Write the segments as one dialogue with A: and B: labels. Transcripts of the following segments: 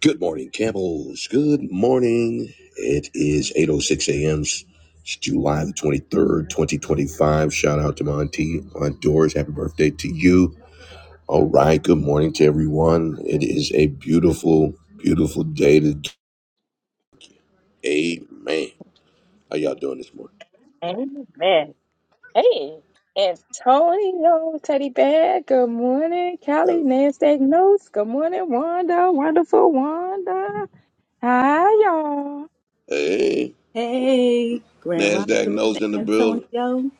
A: Good morning, Campbells. Good morning. It is 8.06 a.m. It's July the 23rd, 2025. Shout out to my auntie, Aunt Doris. Happy birthday to you. All right. Good morning to everyone. It is a beautiful, beautiful day today. Amen. How y'all doing this morning?
B: Amen. Hey, Antonio, Teddy Bear, good morning. Callie,
A: Uh,
B: Nasdaq Notes, good morning. Wanda, wonderful Wanda. Hi, y'all.
A: Hey,
C: Hey, Grand
A: NASDAQ
C: Rising, Mr.
A: knows in the building.
C: Antonio.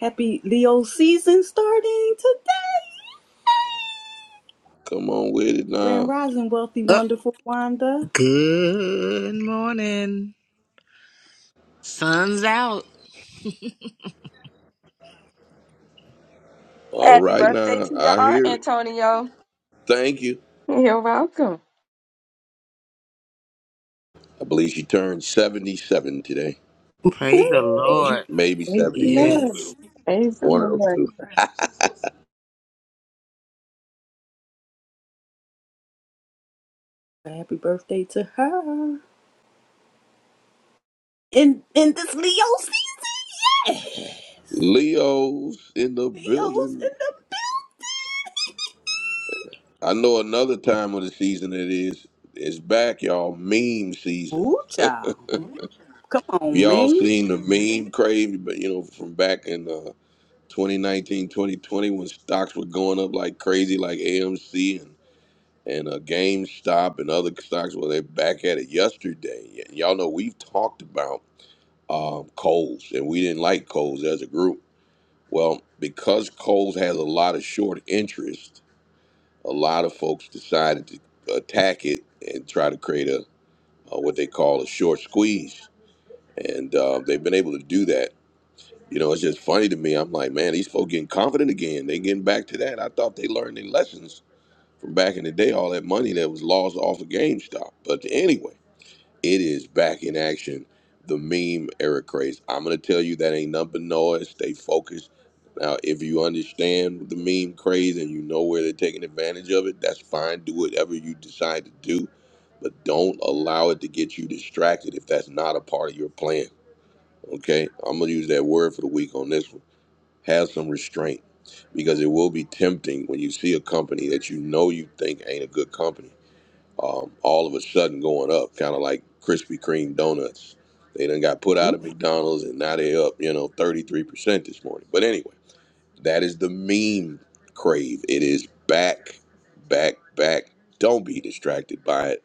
C: Happy Leo season starting today.
A: Come on with it
C: Grand
A: now.
C: Rising, wealthy,
D: Uh,
C: wonderful Wanda.
D: good morning. Sun's out.
A: All
B: Happy
A: right
B: birthday
A: now.
B: to your
A: I
B: aunt,
A: hear it.
B: Antonio.
A: Thank you.
B: You're welcome.
A: I believe she turned 77 today.
D: Praise the
C: Ooh,
D: Lord.
A: Maybe
B: Praise the
A: 78.
D: Yes.
B: Lord. Praise the
A: One of those
B: Lord.
A: two.
C: happy birthday to her. In in this Leo season.
A: Leo's in the
C: Leo's
A: building.
C: in the
A: I know another time of the season it is. It's back, y'all. Meme season.
C: Ooh, child. Come on,
A: Y'all
C: man.
A: seen the meme craze, but you know, from back in uh, 2019, when stocks were going up like crazy, like AMC and and uh, GameStop and other stocks. Well, they're back at it yesterday. And y'all know we've talked about um, Coles, and we didn't like Coles as a group. Well, because Coles has a lot of short interest a lot of folks decided to attack it and try to create a, uh what they call a short squeeze, and uh, they've been able to do that. You know, it's just funny to me. I'm like, man, these folks getting confident again. They getting back to that. I thought they learned their lessons from back in the day. All that money that was lost off of GameStop, but anyway. It is back in action. The meme Eric craze. I'm gonna tell you that ain't nothing but noise. Stay focused. Now, if you understand the meme craze and you know where they're taking advantage of it, that's fine. Do whatever you decide to do, but don't allow it to get you distracted if that's not a part of your plan. Okay, I'm gonna use that word for the week on this one. Have some restraint because it will be tempting when you see a company that you know you think ain't a good company um, all of a sudden going up, kind of like Krispy Kreme donuts. They done got put out
C: Ooh.
A: of McDonald's and now they up, you know, 33% this morning. But anyway, that is the meme crave. It is back, back, back. Don't be distracted by it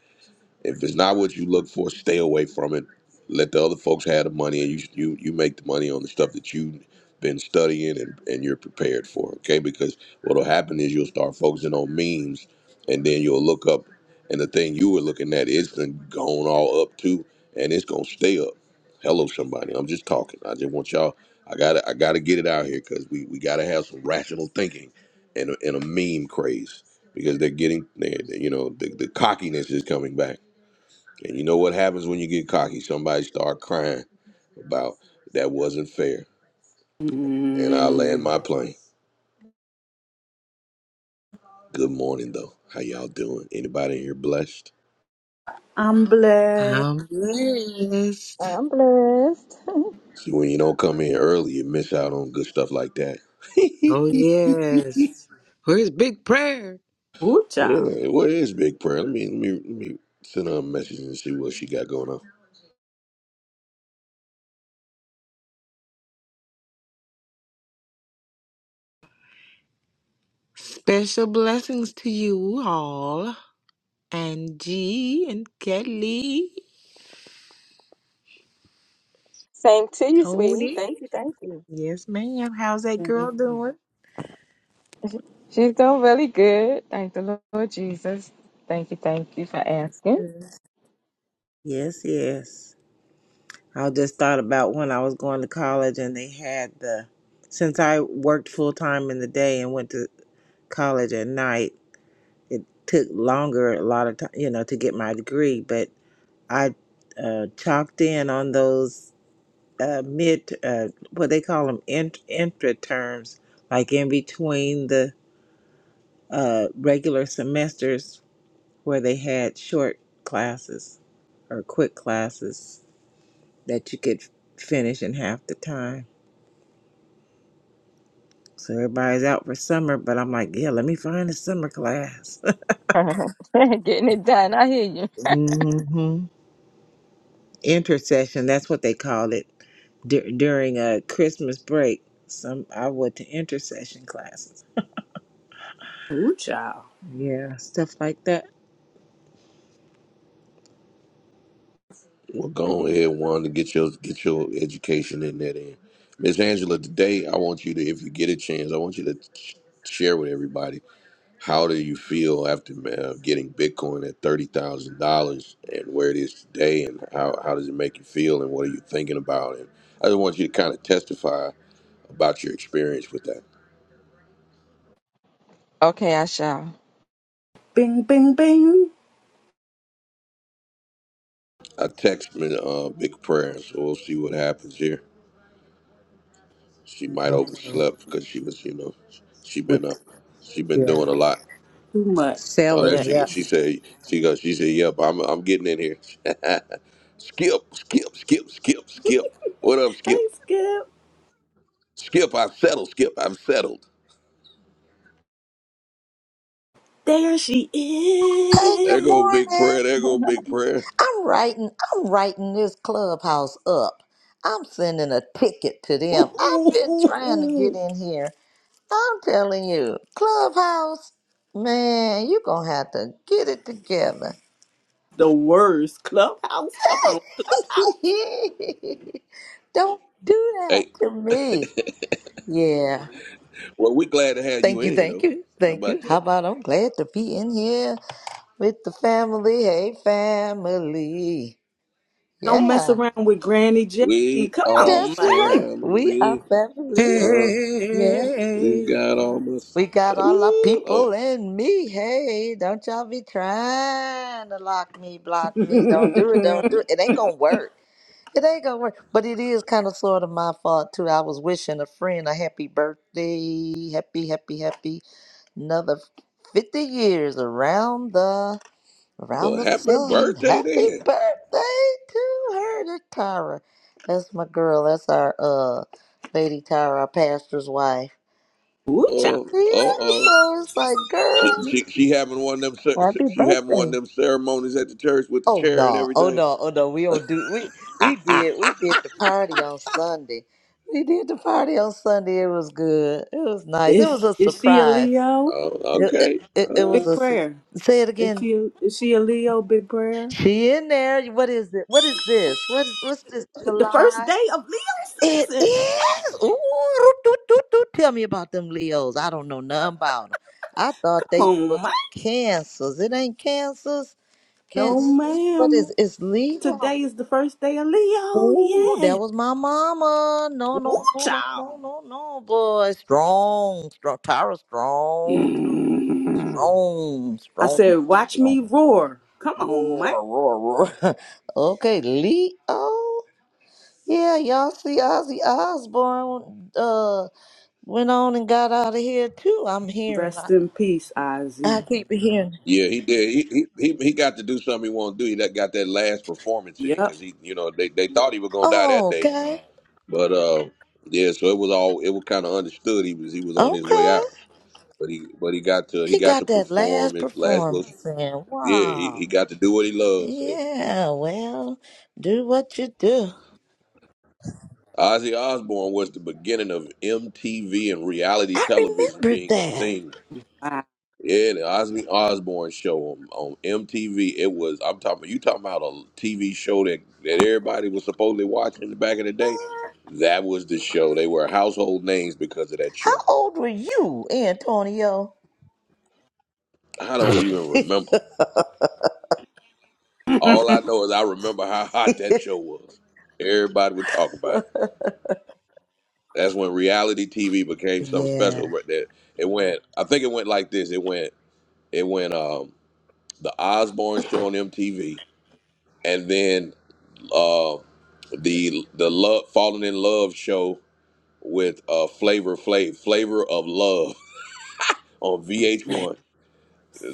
A: if it's not what you look for, stay away from it. Let the other folks have the money, and you you you make the money on the stuff that you've been studying and, and you're prepared for. Okay, because what'll happen is you'll start focusing on memes, and then you'll look up, and the thing you were looking at is been gone all up too, and it's gonna stay up. Hello, somebody. I'm just talking. I just want y'all. I gotta I gotta get it out here because we we gotta have some rational thinking, and a, and a meme craze because they're getting they they- you know the, the cockiness is coming back and you know what happens when you get cocky? Somebody start crying about that wasn't fair. And I land
C: Mm,
A: my plane. Good morning though. How y'all doing? Anybody in here blessed?
C: I'm blessed.
D: I'm blessed.
B: I'm blessed.
A: See when you don't come in early, you miss out on good stuff like that.
D: Oh, yes. Where's big prayer?
C: Ooh, child.
A: Yeah, what is big prayer? Let me let me let me send her a message and see what she got going on.
D: Special blessings to you all. Angie and Kelly.
B: Same to you, sweetie.
D: Tony.
B: Thank you, thank you.
D: Yes, ma'am. How's that
C: Bing.
D: girl doing?
B: She's doing really good. Thank the Lord Jesus. Thank you, thank you for asking.
D: Mm. Yes, yes. I just thought about when I was going to college and they had the since I worked full time in the day and went to college at night. It took longer a lot of time, you know, to get my degree, but I uh, chalked in on those uh, mid, uh, what they call them, int- intra terms, like in between the uh, regular semesters where they had short classes or quick classes that you could finish in half the time. So everybody's out for summer, but I'm like, yeah, let me find a summer class.
B: Getting it done. I hear you.
D: hmm intercession. That's what they call it dur during a Christmas break. Some I went to intercession classes.
C: Ooh, child.
D: Yeah, stuff like that.
A: Well go ahead, Wanda, get your get your education in that end. Miss Angela, today I want you to, if you get a chance, I want you to sh- share with everybody How do you feel after uh, getting Bitcoin at thirty thousand dollars and where it is today, and how how does it make you feel, and what are you thinking about? And I just want you to kind of testify about your experience with that.
B: Okay, I shall.
C: Bing, bing, bing.
A: I text me uh, big prayer, so we'll see what happens here. She might
D: Okay.
A: overslept because she was, you know, she been
D: With
A: uh, she been
D: yeah.
A: doing a lot.
C: Too much.
A: Oh, there
D: Selling.
A: she goes.
D: Yeah.
A: She
C: Yes.
A: said she goes. She said, "Yep, I'm I'm getting in here." skip, skip, skip, skip, skip. What up, Skip?
C: Hey, Skip.
A: Skip, I settled. Skip, I've settled.
C: There she
E: Hey, good
A: There go
C: is.
A: big
E: morning.
A: prayer. There go big prayer.
E: I'm writing. I'm writing this clubhouse up. I'm sending a ticket to
C: Ooh,
E: them. I've
C: ooh,
E: been
C: ooh,
E: trying to get
C: ooh.
E: in here. I'm telling you, clubhouse, man, you gonna have to get it together.
C: The worst. Clubhouse. Come on. Clubhouse.
E: Don't do that
A: Hey,
E: to me. Yeah.
A: well, we glad to have you
E: Thank you,
A: in here,
E: thank
A: though.
E: you,
A: How
E: thank you.
A: about
E: How
A: that?
E: about I'm glad to be in here with the family. Hey, family.
C: Don't mess
E: Yeah.
C: around with Granny Jackie.
A: We
C: Come
A: are
C: on,
E: That's
C: man.
E: right. We are
A: family.
E: family.
A: Uh,
E: Yeah.
A: we
D: Hey,
A: got almost.
E: We got all our
A: Ooh, oh,
E: people in me. Hey, don't y'all be trying to lock me, block me. Don't do it, don't do it. It ain't gonna work. It ain't gonna work. But it is kind of sort of my fault too. I was wishing a friend a happy birthday. Happy, happy, happy. Another 50 years around the around
A: well,
E: the
A: happy
E: sun.
A: birthday
E: Happy
A: then.
E: birthday to her, to Tara. That's my girl. That's our uh lady Tara, our pastor's wife.
C: Ooh, child.
A: Oh, uh
E: Yeah,
A: oh.
E: so it's like,
A: She,
E: girl.
A: she, she having one of them. cer-
B: Happy
A: She having one
B: birthday.
A: of them ceremonies at the church with the
E: Oh
A: chair and
E: no, oh
A: everything.
E: no, oh no. We don't do we we
A: Ah.
E: did we did the party on Sunday. We did the party on Sunday. It was good. It was nice. It was
C: Is
E: a
C: is she a
E: surprise.
C: Leo?
A: Oh,
E: It it,
A: okay.
E: it it
A: Uh,
E: was
C: Big
E: a su-
C: prayer.
E: say it
C: Is
E: again.
C: she a, is she a Leo? Big prayer.
E: She in there. What is it? What is this? What is what's this?
C: The the first
E: July?
C: day of Leo
E: It
C: season. Yeah.
E: is. Ooh, roo, doo, doo, doo. tell me about them Leos. I don't know nothing about them. I thought
C: Come
E: they
C: on,
E: was
C: man.
E: cancers. It ain't cancers.
C: No,
E: Cancers. What
C: ma'am.
E: is it's Leo?
C: Today is the first day of Leo.
E: Ooh, that
C: Yeah.
E: was my mama. No,
C: Ooh,
E: no, no, no,
C: child.
E: no, no, no, boy. Strong, strong. Tyra strong, too.
C: Mm.
E: strong,
C: I
E: strong,
C: said, watch me
E: strong.
C: roar. Come on, Mike.
E: Roar, roar, roar. okay, Leo. Yeah, y'all see Ozzy Osbourne. Uh Went on and got out of here too. I'm hearing. I,
C: Rest in peace,
E: I
C: Ozzy.
E: keep hearing.
A: Yeah, he did. He he he, he got to do something he won't do. He that got that last performance in
C: Yep.
A: because he, you know, they, they thought he was gonna die
E: Oh,
A: that day,
E: okay.
A: but uh, yeah. So it was all it was kind of understood he was he was on his way
E: Okay.
A: out, but he but he got to he
E: He
A: got
E: got
A: to
E: that
A: perform
E: last
A: at last little.
E: performance in.
A: Yeah, he, he
E: Wow.
A: got to do what he loves. So
E: Yeah, well, do what you do.
A: Ozzy Osbourne was the beginning of MTV and reality
E: I
A: television
E: remembered
A: being a
E: that.
A: thing
C: Wow.
A: Yeah, the Ozzy Osbourne show on, on MTV. It was I'm talking you talking about a TV show that that everybody was supposedly watching in the back in the day. That was the show. They were household names because of that
E: How
A: show.
E: old were you, Antonio?
A: I don't even
E: yeah.
A: remember. All I
C: of
A: know is I remember how hot that show was. Everybody would talk about it. That's when reality TV became something special. Right there, it went. I think it went like this. It went. It went. Um, the Osbourne show on MTV, and then. uh, the the love falling in love show with uh flavor flav flavor of love on vh1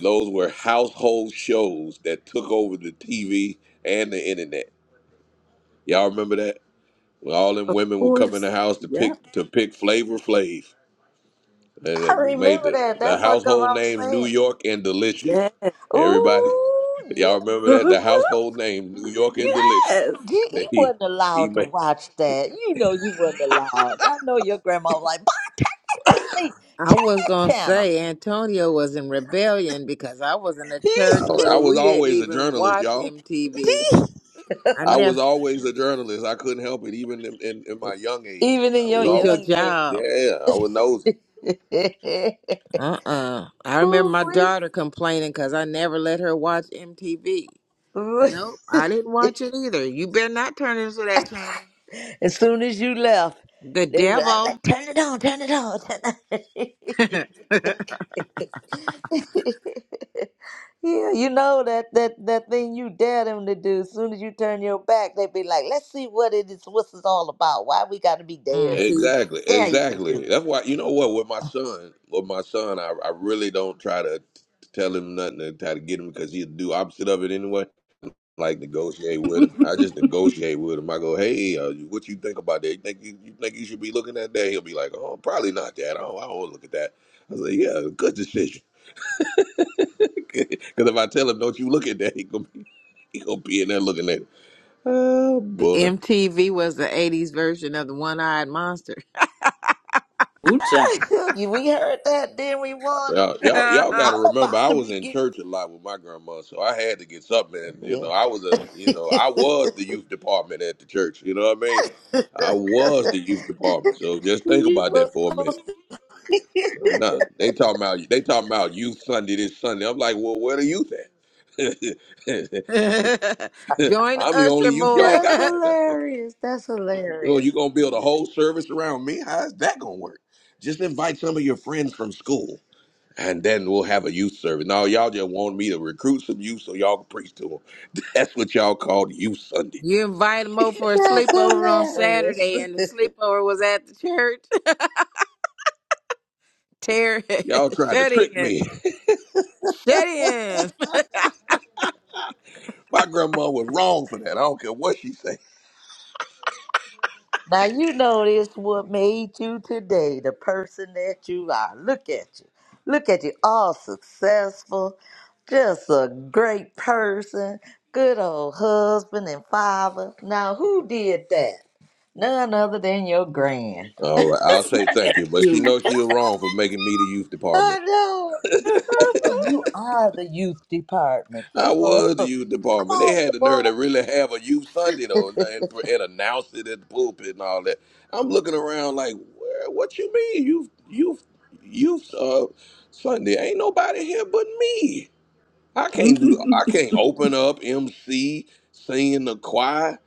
A: those were household shows that took over the tv and the internet y'all remember that when all them women would come in
C: course.
A: the house to
C: Yep.
A: pick to pick flavor flav and
E: I
A: it made
E: remember
A: the
E: that.
A: the
E: That's what
A: household
E: I'm
A: names new
E: saying.
A: york and delicious
C: Yes.
A: everybody
E: Ooh, yeah.
A: y'all remember that the household name new york and delicious
C: yes.
E: You,
A: that
E: you
A: he
E: wasn't
A: he
E: allowed to
A: made
E: watch that. You know you wasn't allowed. Y'all know your grandma was like, Boy, turn that TV,
D: I was gonna
E: turn
D: say
E: that
D: Antonio was in rebellion because I was in a
A: I
D: church
E: channel.
A: I
D: where
A: was
D: we didn't
A: always a
D: even
A: journalist,
D: watch MTV. I
A: I was
D: never.
A: always a journalist. I couldn't help it, even in, in, in my young age.
E: Even in
A: I
D: It
E: your
A: was
D: was your
A: always,
E: young age.
D: job.
A: yeah, I was nosy.
D: Uh uh I remember my
E: Ooh-wee.
D: daughter complaining because I never let her watch MTV.
E: Ooh.
D: Nope, I didn't watch it either. You better not turn into that channel.
E: as soon as you left,
D: The
E: they were like,
D: devil.
E: "Let- turn it on, turn it on, turn it on. yeah, you know that, that, that thing you dare them to do. As soon as you turn your back, they be like, let's see what it is, what's this all about. Why we got to be
D: Mm,
E: there?
D: see,
A: Exactly,
E: Dare you to do
A: exactly.
E: it.
A: That's why you know what with my son, with my son, I, I really don't try to t- tell him nothing to try to get him because he'll do opposite of it anyway. Like negotiate with him. I just negotiate with him. I go, hey, uh, what you think about that? You think you, you think you should be looking at that? He'll be like, oh, probably not that. I don't, I don't look at that. I was like, yeah, good decision. Because if I tell him, don't you look at that, he going He gonna be in there looking at, it. oh
D: the
A: boy.
D: MTV was the '80s version of the one-eyed monster.
C: Ooh, child.
E: You- we heard that, then we wonder.
A: Y'all,
D: Join
A: y'all, y'all got
E: I'm
A: to remember,
E: about
A: I
E: to
A: was
E: be
A: in
E: getting.
A: church a lot with my grandma, so I had to get something. And, you
E: Yeah.
A: know, I was a, you know, I was the youth department at the church. You know what I mean? I was the youth department. So just think
E: you
A: about that
E: were
A: for a minute.
E: supposed posting.
A: I'm not. They talking about they talking about youth Sunday this Sunday. I'm like, well, where the youth at?
D: the
A: I'm the only
D: Usher
A: youth y'all
D: board.
E: That's
A: got.
E: hilarious. That's
A: So you
E: hilarious.
A: gonna build a whole service around me? How's that gonna work? Just invite some of your friends from school. and then we'll have a youth service. Now y'all just want me to recruit some youth so y'all can preach to them. That's what y'all called youth Sunday.
D: you invite him over for a
E: That's
D: sleepover on
E: hilarious.
D: Saturday, and the sleepover was at the church. Terry,
A: Y'all tried to
D: shut
A: trick
D: in,
A: me.
D: shut in.
A: My grandma was wrong for that. I don't care what she say.
E: now you know this what made you today, the person that you are. Look at you. Look at you, all successful, just a great person, good old husband and father. Now who did that? None other than your grand.
A: All right, I'll
C: Let's look
A: say thank
C: at
A: you, but she
C: you.
A: knows she was wrong for making me the youth
E: I
A: department.
E: know. I know you are the youth department.
A: I
E: Come on.
A: was the
E: Come
A: youth department. They
E: on,
A: had the
E: boy.
A: nerve to really have a youth Sunday though, and, and, and announce it at the pulpit and all that. I'm looking around like, where, what you mean youth youth youth uh, Sunday? Ain't nobody here but me. I can't do. I can't open up, MC, sing in the choir,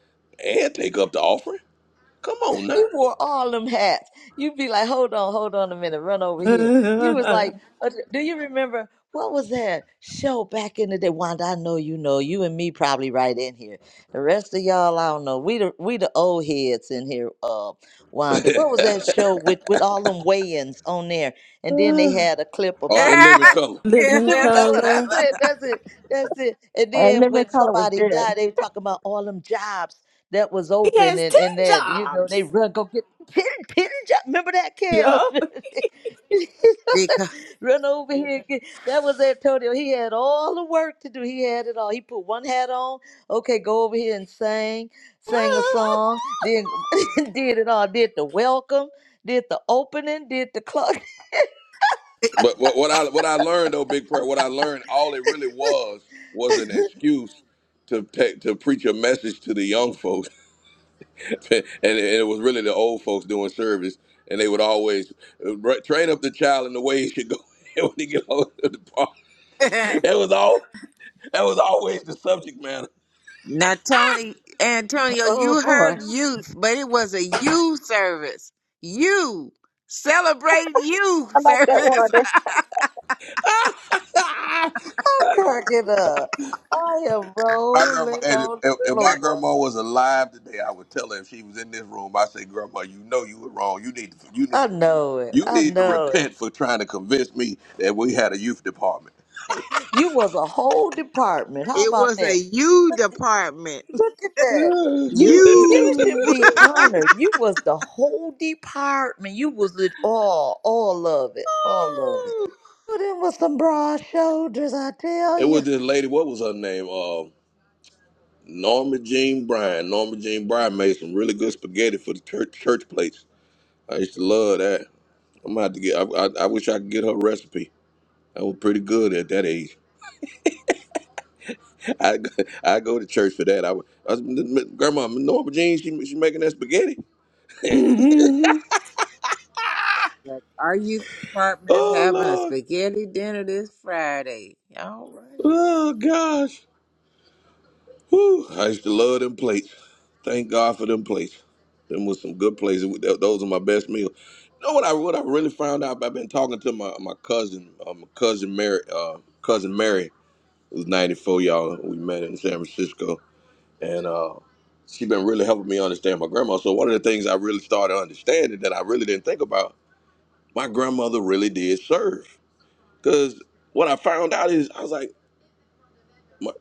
A: and take up the offering. Come on now.
E: You wore all them hats. You'd be like, hold on, hold on a minute, run over here. You was like, uh, do you remember what was that show back in the day? Wanda, I know you know. You and me probably right in here. The rest of y'all, I don't know. We the we the old heads in here. Uh, Wanda, what was that show with with all them weigh-ins on there? And then they
A: oh,
E: had a clip about.
A: and live in
E: Uh,
A: color.
E: in
D: Yeah,
C: Living
E: living
D: that's
E: color.
C: color.
E: That's
D: a-
E: it. That's it. That's it. And
B: And
E: then
B: Living
E: when
B: Color was
E: somebody
B: good.
E: died, they were talking about all them jobs that was
C: He
E: open
C: has
E: and,
C: 10
E: and that, you know, they
C: jobs.
E: run, go get pin, pin job. Remember that, Kels?
C: Yep.
E: run over here. and Get, that was Antonio. He had all the work to do. He had it all. He put one hat on. Okay, go over here and sing, sang a song, then did it all. Did the welcome, did the opening, did the clock.
A: But what, what I what I learned though, Big Prayer, what I learned, all it really was was an excuse to take to preach a message to the young folks, and, it- and it was really the old folks doing service, and they would always uh, "Ra- train up the child in the way he should go. And when he get older, the part-
D: because
A: that was all. That was always the subject matter.
D: Now, Tony, Antonio,
E: Oh
D: you
E: boy,
D: heard youth, but it was a you service. You celebrate you
B: I like
D: service.
B: that Wanda.
E: I'm cracking up. I am
A: My grandma,
E: rolling
A: and if,
E: on
A: if
E: the
A: if my
D: it,
E: floor.
A: grandma was alive today, I would tell her if she was in this room. I say, Grandma, you know you were wrong. You need to, you
E: I
A: need to,
E: know it.
A: you
E: I
A: need to
E: know it.
A: repent for trying to convince me that we had a youth department.
E: You was a whole department. How
D: it
E: about
D: was
E: that?
D: a you department.
E: Look at that.
A: it
E: You you should
D: You.
E: be honored. You was the whole department. You was it all, all of it, all of it. Put in with some broad shoulders, I tell
A: was
E: you.
A: this lady. What was her name? Uh, Norma Jean Bryan. Norma Jean Bryan made some really good spaghetti for the church church plates. I used to love that. I'm gonna have to get. I, I, I wish I could get her recipe. That was pretty good at that age. I go, I go to church for that. I, was- I was- grandma Norma Jean, she she making that spaghetti.
C: Mhm.
D: Look, Our youth department is
A: oh
D: having a
A: Lord,
D: spaghetti dinner this Friday. All right.
A: oh gosh, Whew. I used to love them plates. Thank God for them plates. Them was some good plates. Th- Those are my best meals. You know what I what I really found out? I've been talking to my my cousin, uh, my cousin Mary, uh, cousin Mary, who's ninety four. Y'all, we met in San Francisco, and uh, she been really helping me understand my grandma. So one of the things I really started understanding that I really didn't think about my grandmother really did serve. Because what I found out is, I was like, my,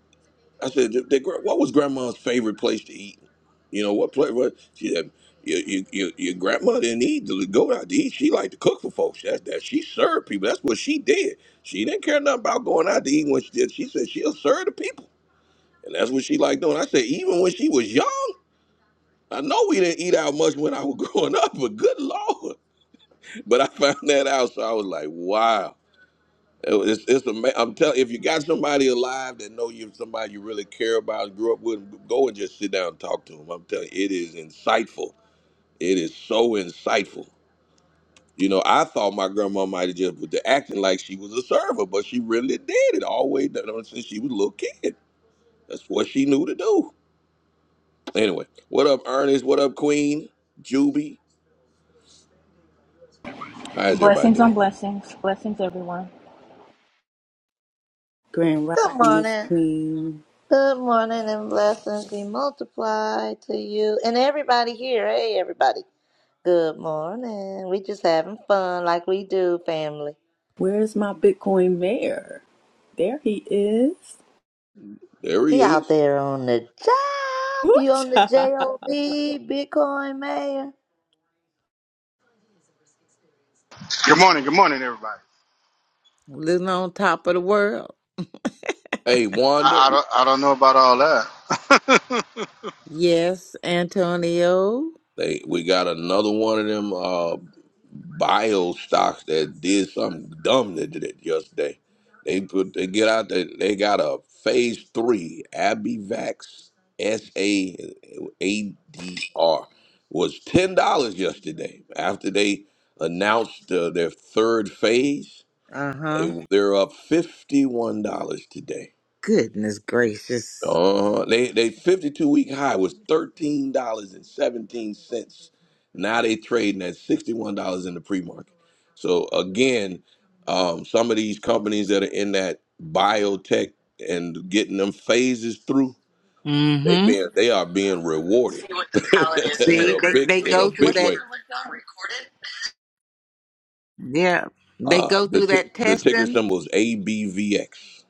A: I said, "Th- th- gr- what was grandma's favorite place to eat? You know, what place? What? She said, your, your, your, your grandma didn't need to go out to eat. She liked to cook for folks. That's that. She served people. That's what she did. She didn't care nothing about going out to eat when she did. She said she'll serve the people. And that's what she liked doing. I said, even when she was young, I know we didn't eat out much when I was growing up, but good Lord. But I found that out. So I was like, wow. It's, it's ama- I'm telling if you got somebody alive that know you, somebody you really care about, and grew up with, go and just sit down and talk to them. I'm telling you, it is insightful. It is so insightful. You know, I thought my grandma might have just been acting like she was a server, but she really did it all the way down since she was a little kid. That's what she knew to do. Anyway, what up, Ernest? What up, Queen? Juby? How's everybody
F: Blessings on
A: doing?
F: blessings. Blessings, everyone.
C: Grand Rising,
E: Good
C: Miss
E: morning.
C: Queen.
E: Good morning and blessings be multiplied to you and everybody here. Hey, everybody. Good morning. We just having fun like we do, family.
C: Where's my Bitcoin mayor? There he is.
A: There
E: He
A: he
E: out
A: is.
E: there on the job.
C: Ooh
E: You on the
C: Woocha.
E: job, Bitcoin Mayor?
G: Good morning, good morning, everybody.
D: Living on top of the world.
A: Hey, Wanda.
G: I, I don't, I don't know about all that.
D: Yes, Antonio.
A: They, we got another one of them. uh, bio stocks that did something dumb that did it yesterday. They put they get out there. They got a phase three Abivax S A A D R was ten dollars yesterday after they announced uh, their third phase.
D: Uh huh.
A: they- They're up fifty one dollars today.
D: Goodness gracious.
A: Uh-huh. They they 52 week high was thirteen dollars and seventeen cents. Now they trading at sixty one dollars in the pre market. So again, um, some of these companies that are in that biotech and getting them phases through, they being they are being rewarded,
F: See what the palette is
A: and
F: for
A: in
F: the
D: See,
A: a
D: they,
F: group
A: big
F: to
D: they
A: in
F: maybe do
A: a
D: go through
F: What
A: big
F: you deeper
D: that.
A: way.
F: ticket was than that? recorded
D: Yeah, they
A: Uh,
D: go
A: the
D: through
A: t-
D: that
A: the ticker
D: testing.
A: symbol is ABVX.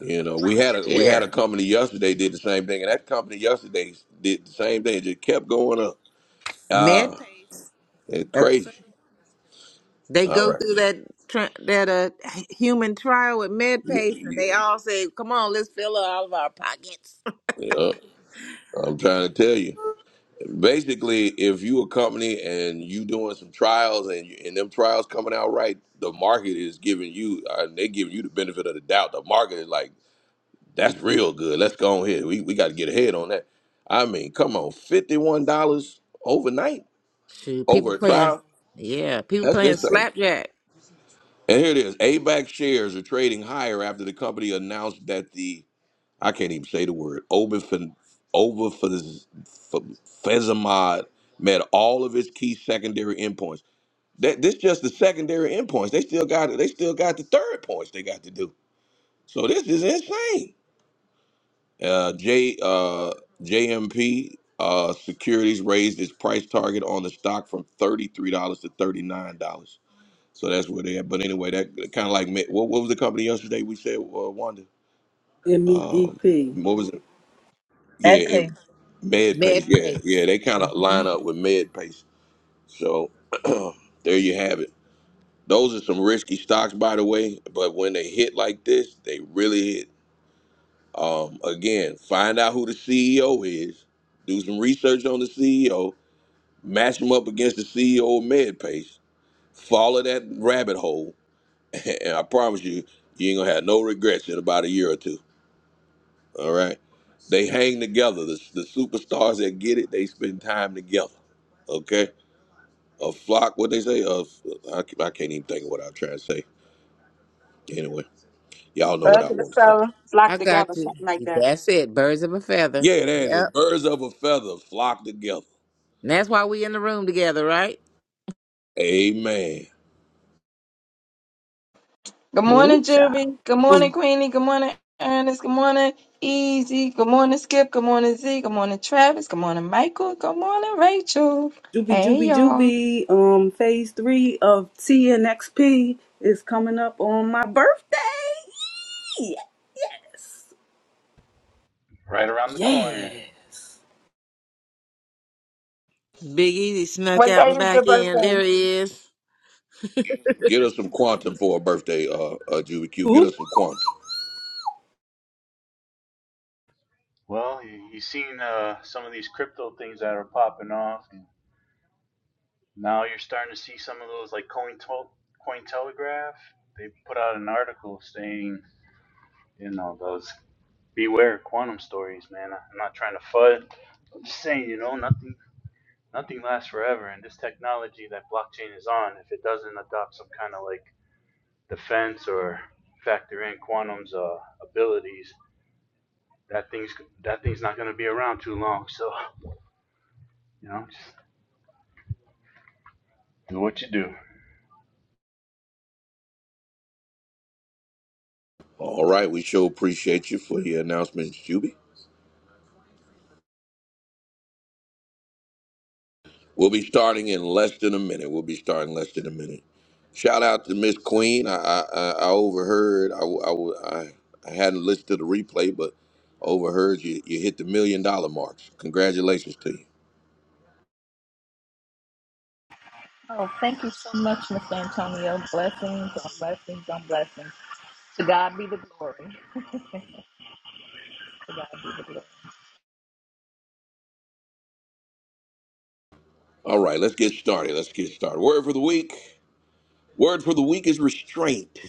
A: You know, we had a we
F: for
A: had
D: Yeah,
A: a
F: today.
A: company yesterday did the same thing, and that company yesterday did the same thing. It just kept going up. Uh,
D: med pace.
A: it's
D: That's
A: crazy.
D: it. They
A: All
D: go
A: right.
D: through that tri- that uh, human trial with med
A: Yeah,
D: pace, and
A: yeah,
D: they all say, "Come on, let's fill up all of our pockets."
A: yeah. I'm trying to tell you. Basically, if you a company and you doing some trials and you, and them trials coming out right, the market is giving you uh, they giving you the benefit of the doubt. The market is like, that's real good. Let's go on here. We we got to get ahead on that. I mean, come on, fifty one dollars overnight
D: Shoot, people
A: over a
D: playing.
A: trial.
D: Yeah, people
A: That's
D: playing
A: insane.
D: slapjack.
A: And here it is. ABAC shares are trading higher after the company announced that the I can't even say the word. Over for over for, for Fezamod met all of his key secondary endpoints. That this just the secondary endpoints. They still got they still got the third points they got to do. So this is insane. Uh, J uh, JMP uh, Securities raised its price target on the stock from thirty three dollars to thirty nine dollars. So that's where they at. But anyway, that kind of like me- what, what was the company yesterday we said uh, Wanda? Um,
C: MEDP.
A: what was it? Yeah,
B: And
A: it,
B: P.
A: med pace.
D: Med
A: Yeah, yeah,
D: pace.
A: they kind of
D: hmm
A: line up with med pace. So there you have it. Those are some risky stocks, by the way. But when they hit like this, they really hit. Um, again, find out who the CEO is. Do some research on the CEO. Match them up against the CEO of MedPace. Follow that rabbit hole, and I promise you, you ain't gonna have no regrets in about a year or two. All right. They hang together. The, the superstars that get it, they spend time together. Okay. A flock, what they say? Of I, I can't even think of what I'm trying to say. Anyway, y'all know
B: Love
A: what I
B: to the
A: want to say.
B: soul. It's
D: I
B: locked
D: got
B: together,
D: you.
B: something like that.
D: That's it. Birds of a feather.
A: Yeah, that is
D: Yep.
A: Birds of a feather flock together.
D: And that's why we in the room together, right?
A: Amen.
B: Good morning,
C: cha.
B: Juby. Good morning,
C: Um,
B: Queenie. Good morning, Ernest. Good morning, Easy. Good morning, Skip. Good morning, Z. Good morning, Travis. Good morning, Michael. Good morning, Rachel.
C: Juby
B: Hey,
C: Juby
B: y'all.
C: Juby. Um, phase three of TNXP is coming up on my birthday. Yee! Yes.
H: right around the corner.
C: Yes.
D: Big Easy snuck
B: What
D: out
B: day
D: and
B: is your
D: back in.
B: birthday?
D: There he is.
A: Get us some quantum for a birthday, uh, uh Juby Q. Get
C: Ooh.
A: us some quantum.
H: Well, you, have seen uh, some of these crypto things that are popping off. And now you're starting to see some of those, like Coin Cointelegraph. They put out an article saying, you know, those beware quantum stories, man. I'm not trying to FUD. I'm just saying, you know, nothing nothing lasts forever. And this technology that blockchain is on, if it doesn't adopt some kind of like defense or factor in quantum's uh, abilities, that thing's that thing's not going to be around too long. So You know, just do what you do.
A: All right. We sure appreciate you for your announcements, Juby. We'll be starting in less than a minute. We'll be starting less than a minute. Shout out to Miss Queen. I I, I I overheard. I, w- I, w- I I hadn't listened to the replay, but overheard you you hit the million dollar marks. Congratulations to you.
F: Oh, thank you so much, Miss Antonio. Blessings on blessings on blessings. To God be the glory. To God be the glory.
A: All right, let's get started. Let's get started. Word for the week. Word for the week is restraint.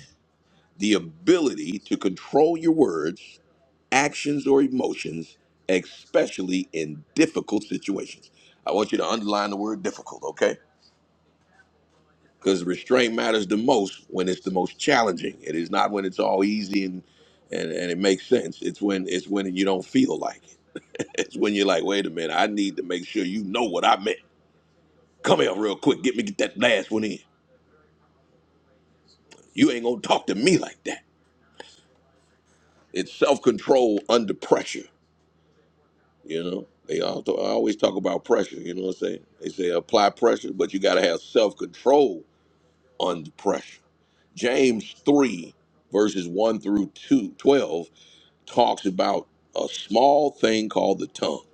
A: The ability to control your words, actions, or emotions, especially in difficult situations. I want you to underline the word difficult, okay? because restraint matters the most when it's the most challenging. It is not when it's all easy and and, and it makes sense. It's when it's when you don't feel like it. It's when you're like, wait a minute, I need to make sure you know what I meant. Come here real quick, get me get that last one in. You ain't gonna talk to me like that. It's self control under pressure. You know, they all I always talk about pressure. You know what I'm saying? They say apply pressure, but you gotta have self control under pressure. James three verses one through two twelve. talks about a small thing called the tongue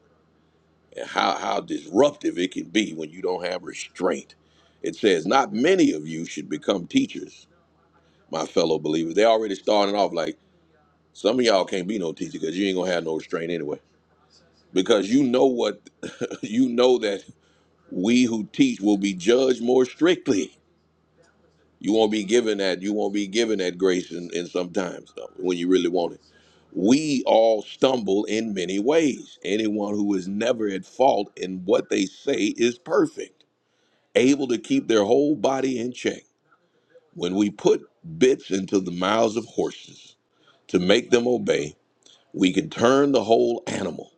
A: and how, how disruptive it can be when you don't have restraint. It says, Not many of you should become teachers, my fellow believers. They already starting off like some of y'all can't be no teacher because you ain't gonna have no restraint anyway. Because you know what you know that we who teach will be judged more strictly. You won't be given that. You won't be given that grace in, in sometimes though, when you really want it. We all stumble in many ways. Anyone who is never at fault in what they say is perfect, able to keep their whole body in check. When we put bits into the mouths of horses to make them obey, we can turn the whole animal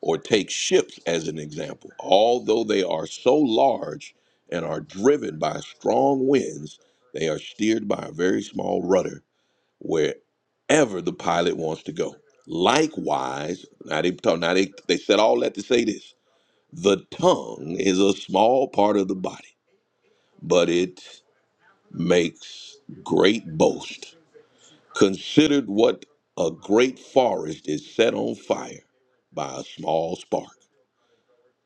A: or take ships as an example. Although they are so large and are driven by strong winds, they are steered by a very small rudder wherever the pilot wants to go. Likewise, now they talk, now they, they said all that to say this. The tongue is a small part of the body, but it makes great boast. Considered what a great forest is set on fire by a small spark.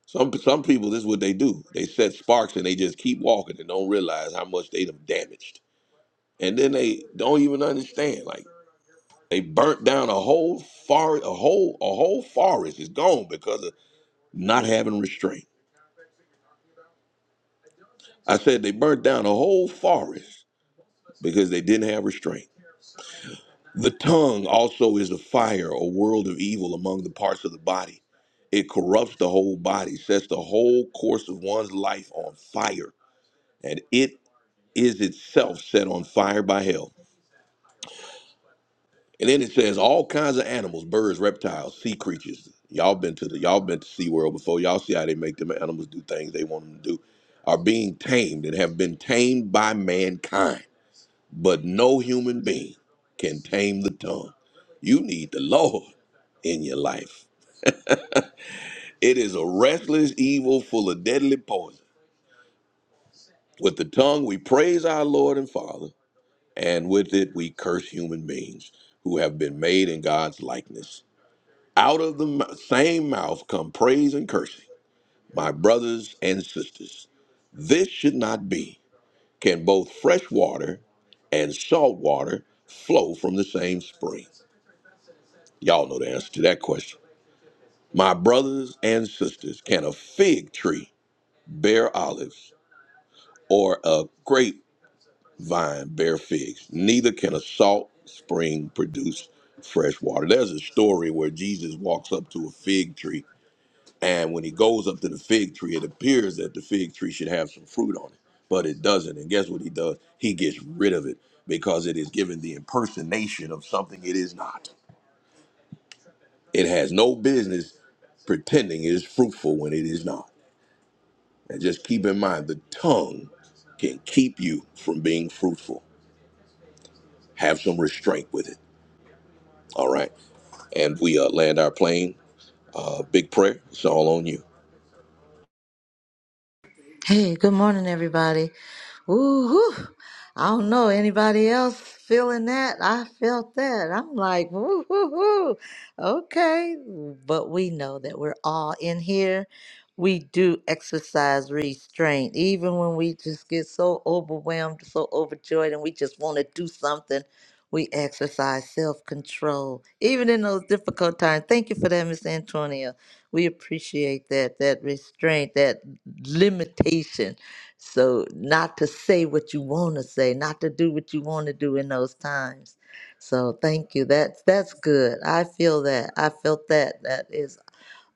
A: Some some people, this is what they do. They set sparks and they just keep walking and don't realize how much they done damaged. And then they don't even understand. Like they burnt down a whole forest, a whole a whole forest is gone because of not having restraint. I said they burnt down a whole forest because they didn't have restraint. The tongue also is a fire, a world of evil among the parts of the body. It corrupts the whole body, sets the whole course of one's life on fire, and it is itself set on fire by hell. And then it says all kinds of animals, birds, reptiles, sea creatures. Y'all been to the y'all been to SeaWorld before. Y'all see how they make them animals do things they want them to do. Are being tamed and have been tamed by mankind. But no human being can tame the tongue. You need the Lord in your life. It is a restless evil full of deadly poison. With the tongue we praise our Lord and Father and with it we curse human beings who have been made in God's likeness. Out of the m- same mouth come praise and cursing, my brothers and sisters. This should not be. Can both fresh water and salt water flow from the same spring? Y'all know the answer to that question. My brothers and sisters, can a fig tree bear olives or a grape? vine bear figs, neither can a salt spring produce fresh water. There's a story where Jesus walks up to a fig tree, and when he goes up to the fig tree, it appears that the fig tree should have some fruit on it, but it doesn't. And guess what he does? He gets rid of it because it is given the impersonation of something it is not. It has no business pretending it is fruitful when it is not. And just keep in mind the tongue can keep you from being fruitful. Have some restraint with it. All right. And we uh, land our plane. Uh, big prayer. It's all on you.
E: Hey, good morning, everybody. Ooh, I don't know anybody else feeling that. I felt that. I'm like, woo, woo, woo. Okay. But we know that we're all in here. We do exercise restraint, even when we just get so overwhelmed, so overjoyed, and we just want to do something. We exercise self control, even in those difficult times. Thank you for that, Miss Antonia. We appreciate that, that restraint, that limitation so, not to say what you want to say, not to do what you want to do in those times. So, thank you. That's that's good. I feel that. I felt that. That is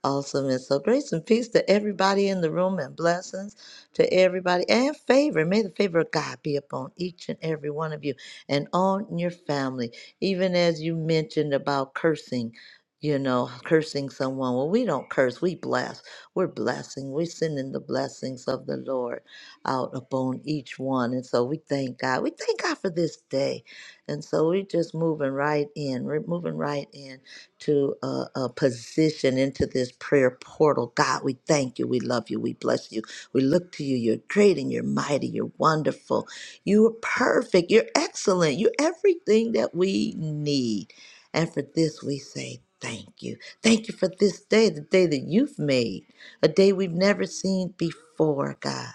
E: Awesome. And so grace and peace to everybody in the room and blessings to everybody and favor. May the favor of God be upon each and every one of you and on your family. Even as you mentioned about cursing, you know, cursing someone. Well, we don't curse, we bless. We're blessing. We're sending the blessings of the Lord out upon each one. And so we thank God. We thank God for this day. And so we're just moving right in. We're moving right in to uh, uh, position into this prayer portal. God, we thank you. We love you. We bless you. We look to you. You're great and you're mighty. You're wonderful. You are perfect. You're excellent. You're everything that we need. And for this, we say thank you. Thank you for this day, the day that you've made, a day we've never seen before, God.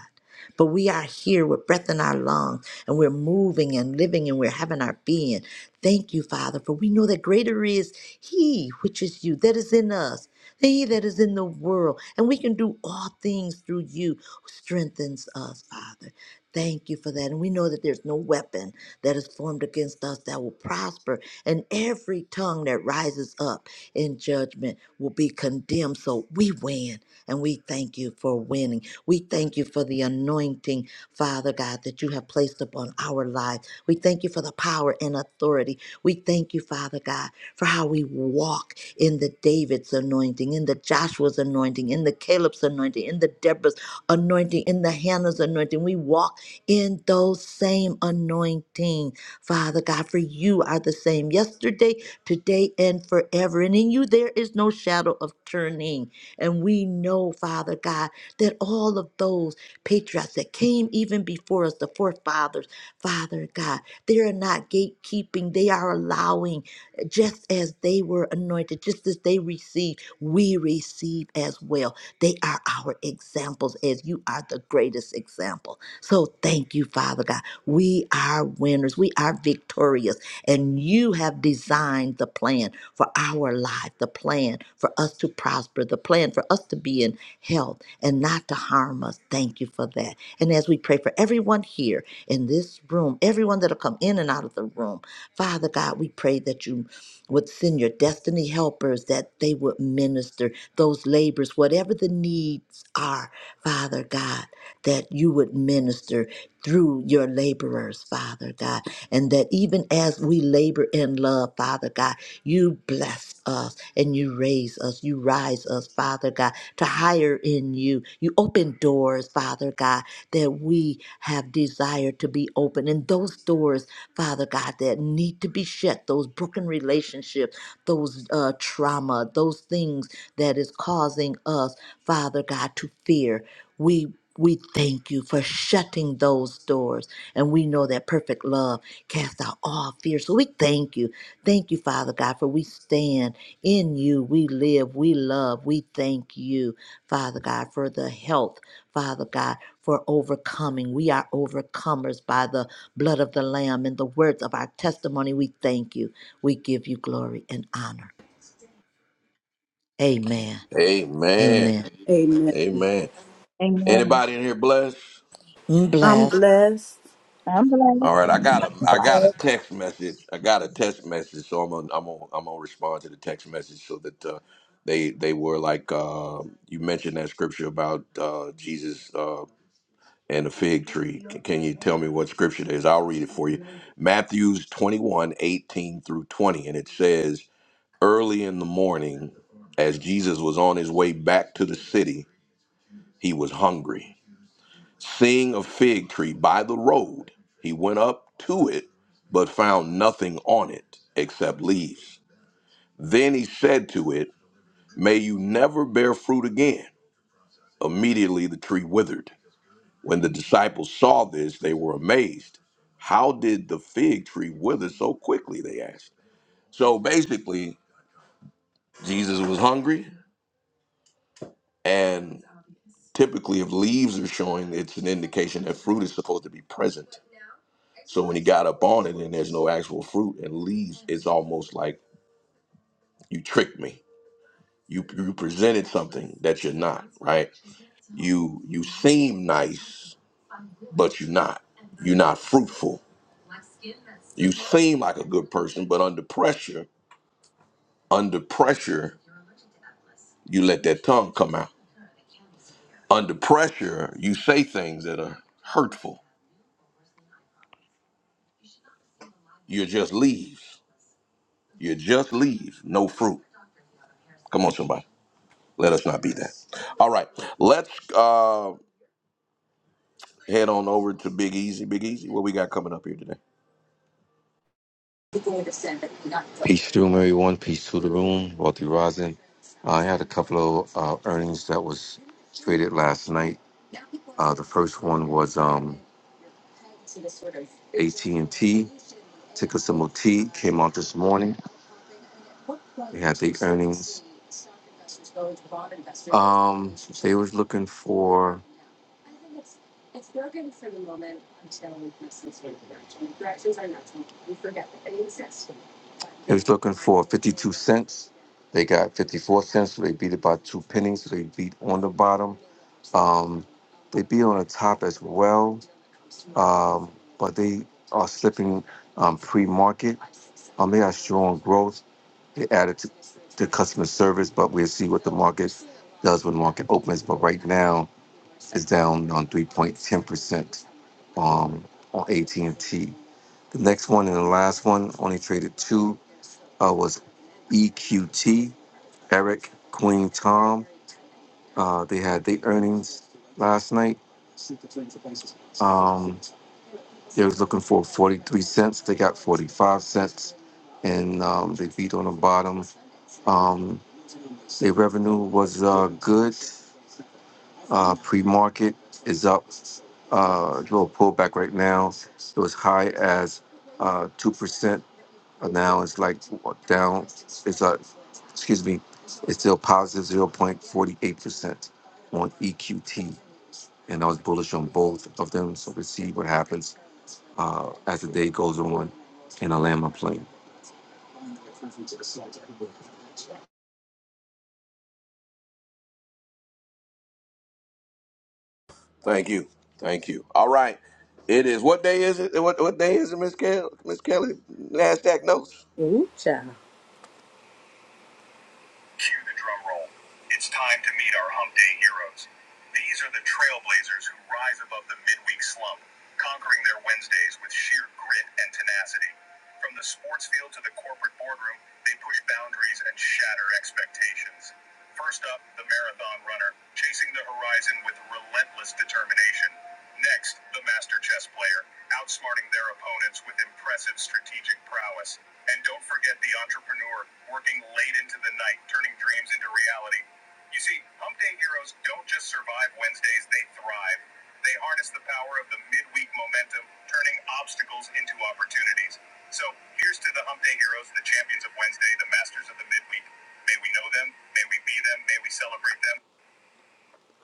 E: But we are here with breath in our lungs, and we're moving and living, and we're having our being. Thank you, Father, for we know that greater is he, which is you, that is in us, He that is in the world. And we can do all things through you who strengthens us, Father. Thank you for that. And we know that there's no weapon that is formed against us that will prosper. And every tongue that rises up in judgment will be condemned. So we win. And we thank you for winning. We thank you for the anointing, Father God, that you have placed upon our lives. We thank you for the power and authority. We thank you, Father God, for how we walk in the David's anointing, in the Joshua's anointing, in the Caleb's anointing, in the Deborah's anointing, in the Hannah's anointing. We walk in those same anointing, Father God, for you are the same yesterday, today, and forever. And in you there is no shadow of turning. And we know, Father God, that all of those patriarchs that came even before us, the forefathers, Father God, they are not gatekeeping, they are allowing just as they were anointed, just as they received, we receive as well. They are our examples, as you are the greatest example. So thank you, Father God. We are winners, we are victorious, and you have designed the plan for our life, the plan for us to prosper, the plan for us to be in health and not to harm us. Thank you for that. And as we pray for everyone here in this room, everyone that'll come in and out of the room, Father God, we pray that you would send your destiny helpers that they would minister those labors, whatever the needs are, Father God, that you would minister through your laborers, Father God, and that even as we labor in love, Father God, you bless us and you raise us, you rise us, Father God, to higher in you. You open doors, Father God, that we have desired to be open, and those doors Father God, that need to be shed, those broken relationships, those uh, trauma, those things that is causing us, Father God, to fear. We we thank you for shutting those doors. And we know that perfect love casts out all fear. So we thank you. Thank you, Father God, for we stand. In you we live, we love, we thank you, Father God, for the health, Father God, for overcoming. We are overcomers by the blood of the Lamb and the words of our testimony. We thank you. We give you glory and honor. Amen.
A: Amen.
E: Amen.
C: Amen.
A: Amen.
B: Amen.
A: Anybody in here blessed?
E: Mm,
C: I'm
E: Blessed.
C: blessed.
B: I'm glad.
A: All right, I got a I got a
E: Blessed.
A: text message. I got a text message, so I'm gonna I'm gonna, I'm gonna respond to the text message so that uh, they they were like uh, you mentioned that scripture about uh, Jesus uh, and the fig tree. Can, can you tell me what scripture it is? I'll read it for you. Matthew's 21 18 through 20, and it says Early in the morning, as Jesus was on his way back to the city, he was hungry. Seeing a fig tree by the road, he went up to it, but found nothing on it except leaves. Then he said to it, May you never bear fruit again. Immediately the tree withered. When the disciples saw this, they were amazed. How did the fig tree wither so quickly? They asked. So basically, Jesus was hungry, and typically if leaves are showing it's an indication that fruit is supposed to be present so when he got up on it and there's no actual fruit and leaves it's almost like you tricked me you you presented something that you're not right you you seem nice but you're not you're not fruitful you seem like a good person but under pressure under pressure you let that tongue come out under pressure you say things that are hurtful you're just leaves You just leave, no fruit. Come on, somebody. Let us not be that. All right, let's uh, head on over to Big Easy. Big Easy, what we got coming up here today?
I: Peace to room, everyone. Peace to the room. Wealthy Rosin. I had a couple of uh, earnings that was traded last night. Uh, the first one was um, AT&T, ticker symbol T, came out this morning. They had the earnings. Um, they was looking for It was looking for 52 cents. They got 54 cents, so they beat it by two pennies. So they beat on the bottom. Um, they beat on the top as well, um, but they are slipping um, pre-market. Um, they are strong growth. They added to, to customer service, but we'll see what the market does when the market opens. But right now, it's down on 3.10% um, on AT&T. The next one and the last one only traded two uh, was EQT, Eric, Queen Tom. Uh, they had their earnings last night. Um, they was looking for 43 cents. They got 45 cents, and um, they beat on the bottom. Um, their revenue was uh, good. Uh, pre-market is up. Uh, a little pullback right now. It was high as uh, 2%. But now it's like down. It's a, excuse me, it's still positive zero point forty eight percent on EQT, and I was bullish on both of them. So we'll see what happens uh, as the day goes on, and I land my plane.
A: Thank you, thank you. All right, it is. What day is it? What what day is it, Miss Kelly? Miss Kelly, Nasdaq notes.
C: Ooh cha.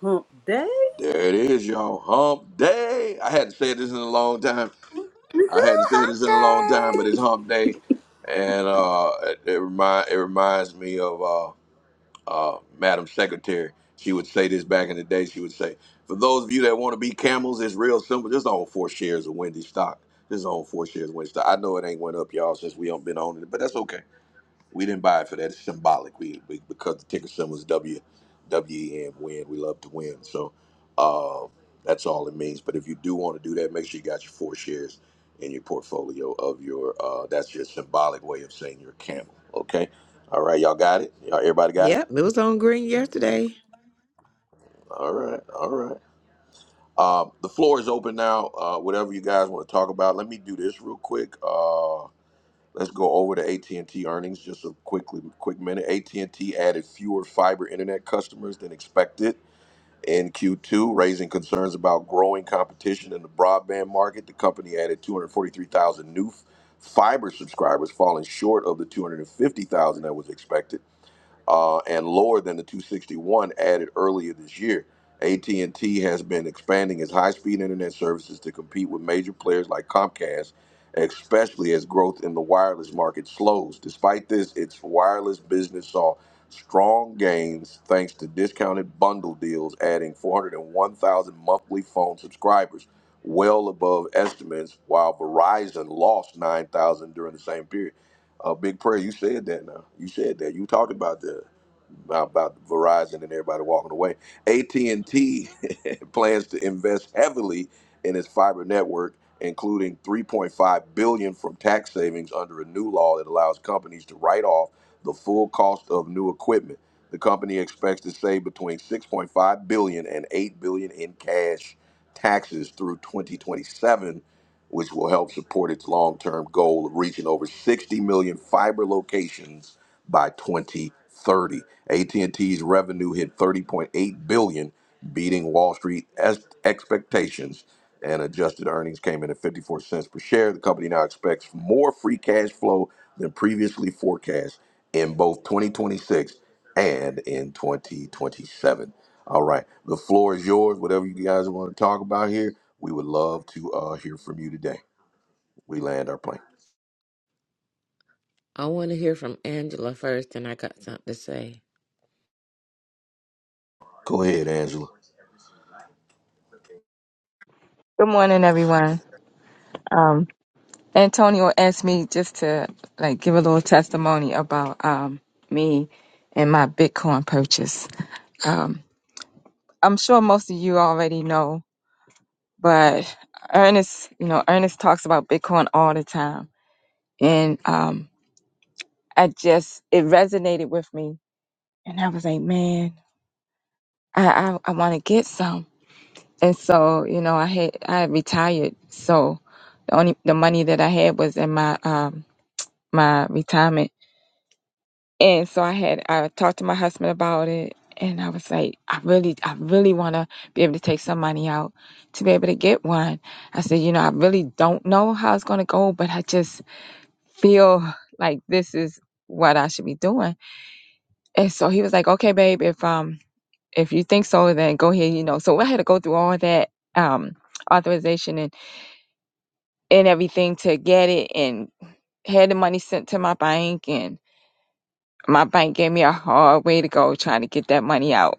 C: Hump day.
A: There it is, y'all. Hump day. I hadn't said this in a long time. I
E: Woohoo,
A: hadn't said
E: hump
A: this in a long time, but
E: day.
A: it's hump day, and uh, it, it remind it reminds me of. Uh, uh, Madam Secretary, she would say this back in the day. She would say, "For those of you that want to be camels, it's real simple. Just own four shares of Wendy's stock. Just own four shares of Wendy's stock. I know it ain't went up, y'all, since we don't been on it, but that's okay. We didn't buy it for that. It's symbolic. We, we because the ticker symbol is W, W E N. Win. We love to win. So uh, that's all it means. But if you do want to do that, make sure you got your four shares in your portfolio of your. Uh, that's your symbolic way of saying you're a camel. Okay. All right, y'all got it. Y'all, everybody got it.
D: Yep, it was on green yesterday.
A: All right, all right. Uh, the floor is open now. Uh, whatever you guys want to talk about, let me do this real quick. Uh, let's go over to AT and T earnings just a quickly, quick minute. AT and T added fewer fiber internet customers than expected in Q2, raising concerns about growing competition in the broadband market. The company added 243,000 new f- fiber subscribers, falling short of the 250,000 that was expected uh, and lower than the 261 added earlier this year. AT&T has been expanding its high-speed internet services to compete with major players like Comcast, especially as growth in the wireless market slows. Despite this, its wireless business saw strong gains thanks to discounted bundle deals, adding 401,000 monthly phone subscribers, well above estimates, while Verizon lost 9,000 during the same period. Uh, big prayer. You said that now. You said that. You talked about the about Verizon and everybody walking away. AT and T plans to invest heavily in its fiber network, including 3.5 billion from tax savings under a new law that allows companies to write off the full cost of new equipment. The company expects to save between 6.5 billion and 8 billion in cash taxes through 2027 which will help support its long term goal of reaching over 60 million fiber locations by 2030. AT&T's revenue hit 30.8 billion, dollars, beating Wall Street es- expectations, and adjusted earnings came in at 54 cents per share. The company now expects more free cash flow than previously forecast in both 2026 and in 2027. All right, the floor is yours. Whatever you guys want to talk about here, we would love to uh, hear from you today. We land our plane.
D: I want to hear from Angela first, and I got something to say.
A: Go ahead, Angela.
B: Good morning, everyone. Antonio asked me just to like give a little testimony about um me and my Bitcoin purchase. Um, I'm sure most of you already know, but Ernest, you know, Ernest talks about Bitcoin all the time, and um, I just it resonated with me, and I was like, man, I I, I want to get some, and so you know, I had I had retired, so the only the money that I had was in my um my retirement And so I had I talked to my husband about it and I was like, I really I really wanna be able to take some money out to be able to get one. I said, you know, I really don't know how it's gonna go, but I just feel like this is what I should be doing. And so he was like, Okay, babe, if um if you think so, then go ahead, you know. So I had to go through all that um authorization and, and everything to get it and had the money sent to my bank and my bank gave me a hard way to go trying to get that money out.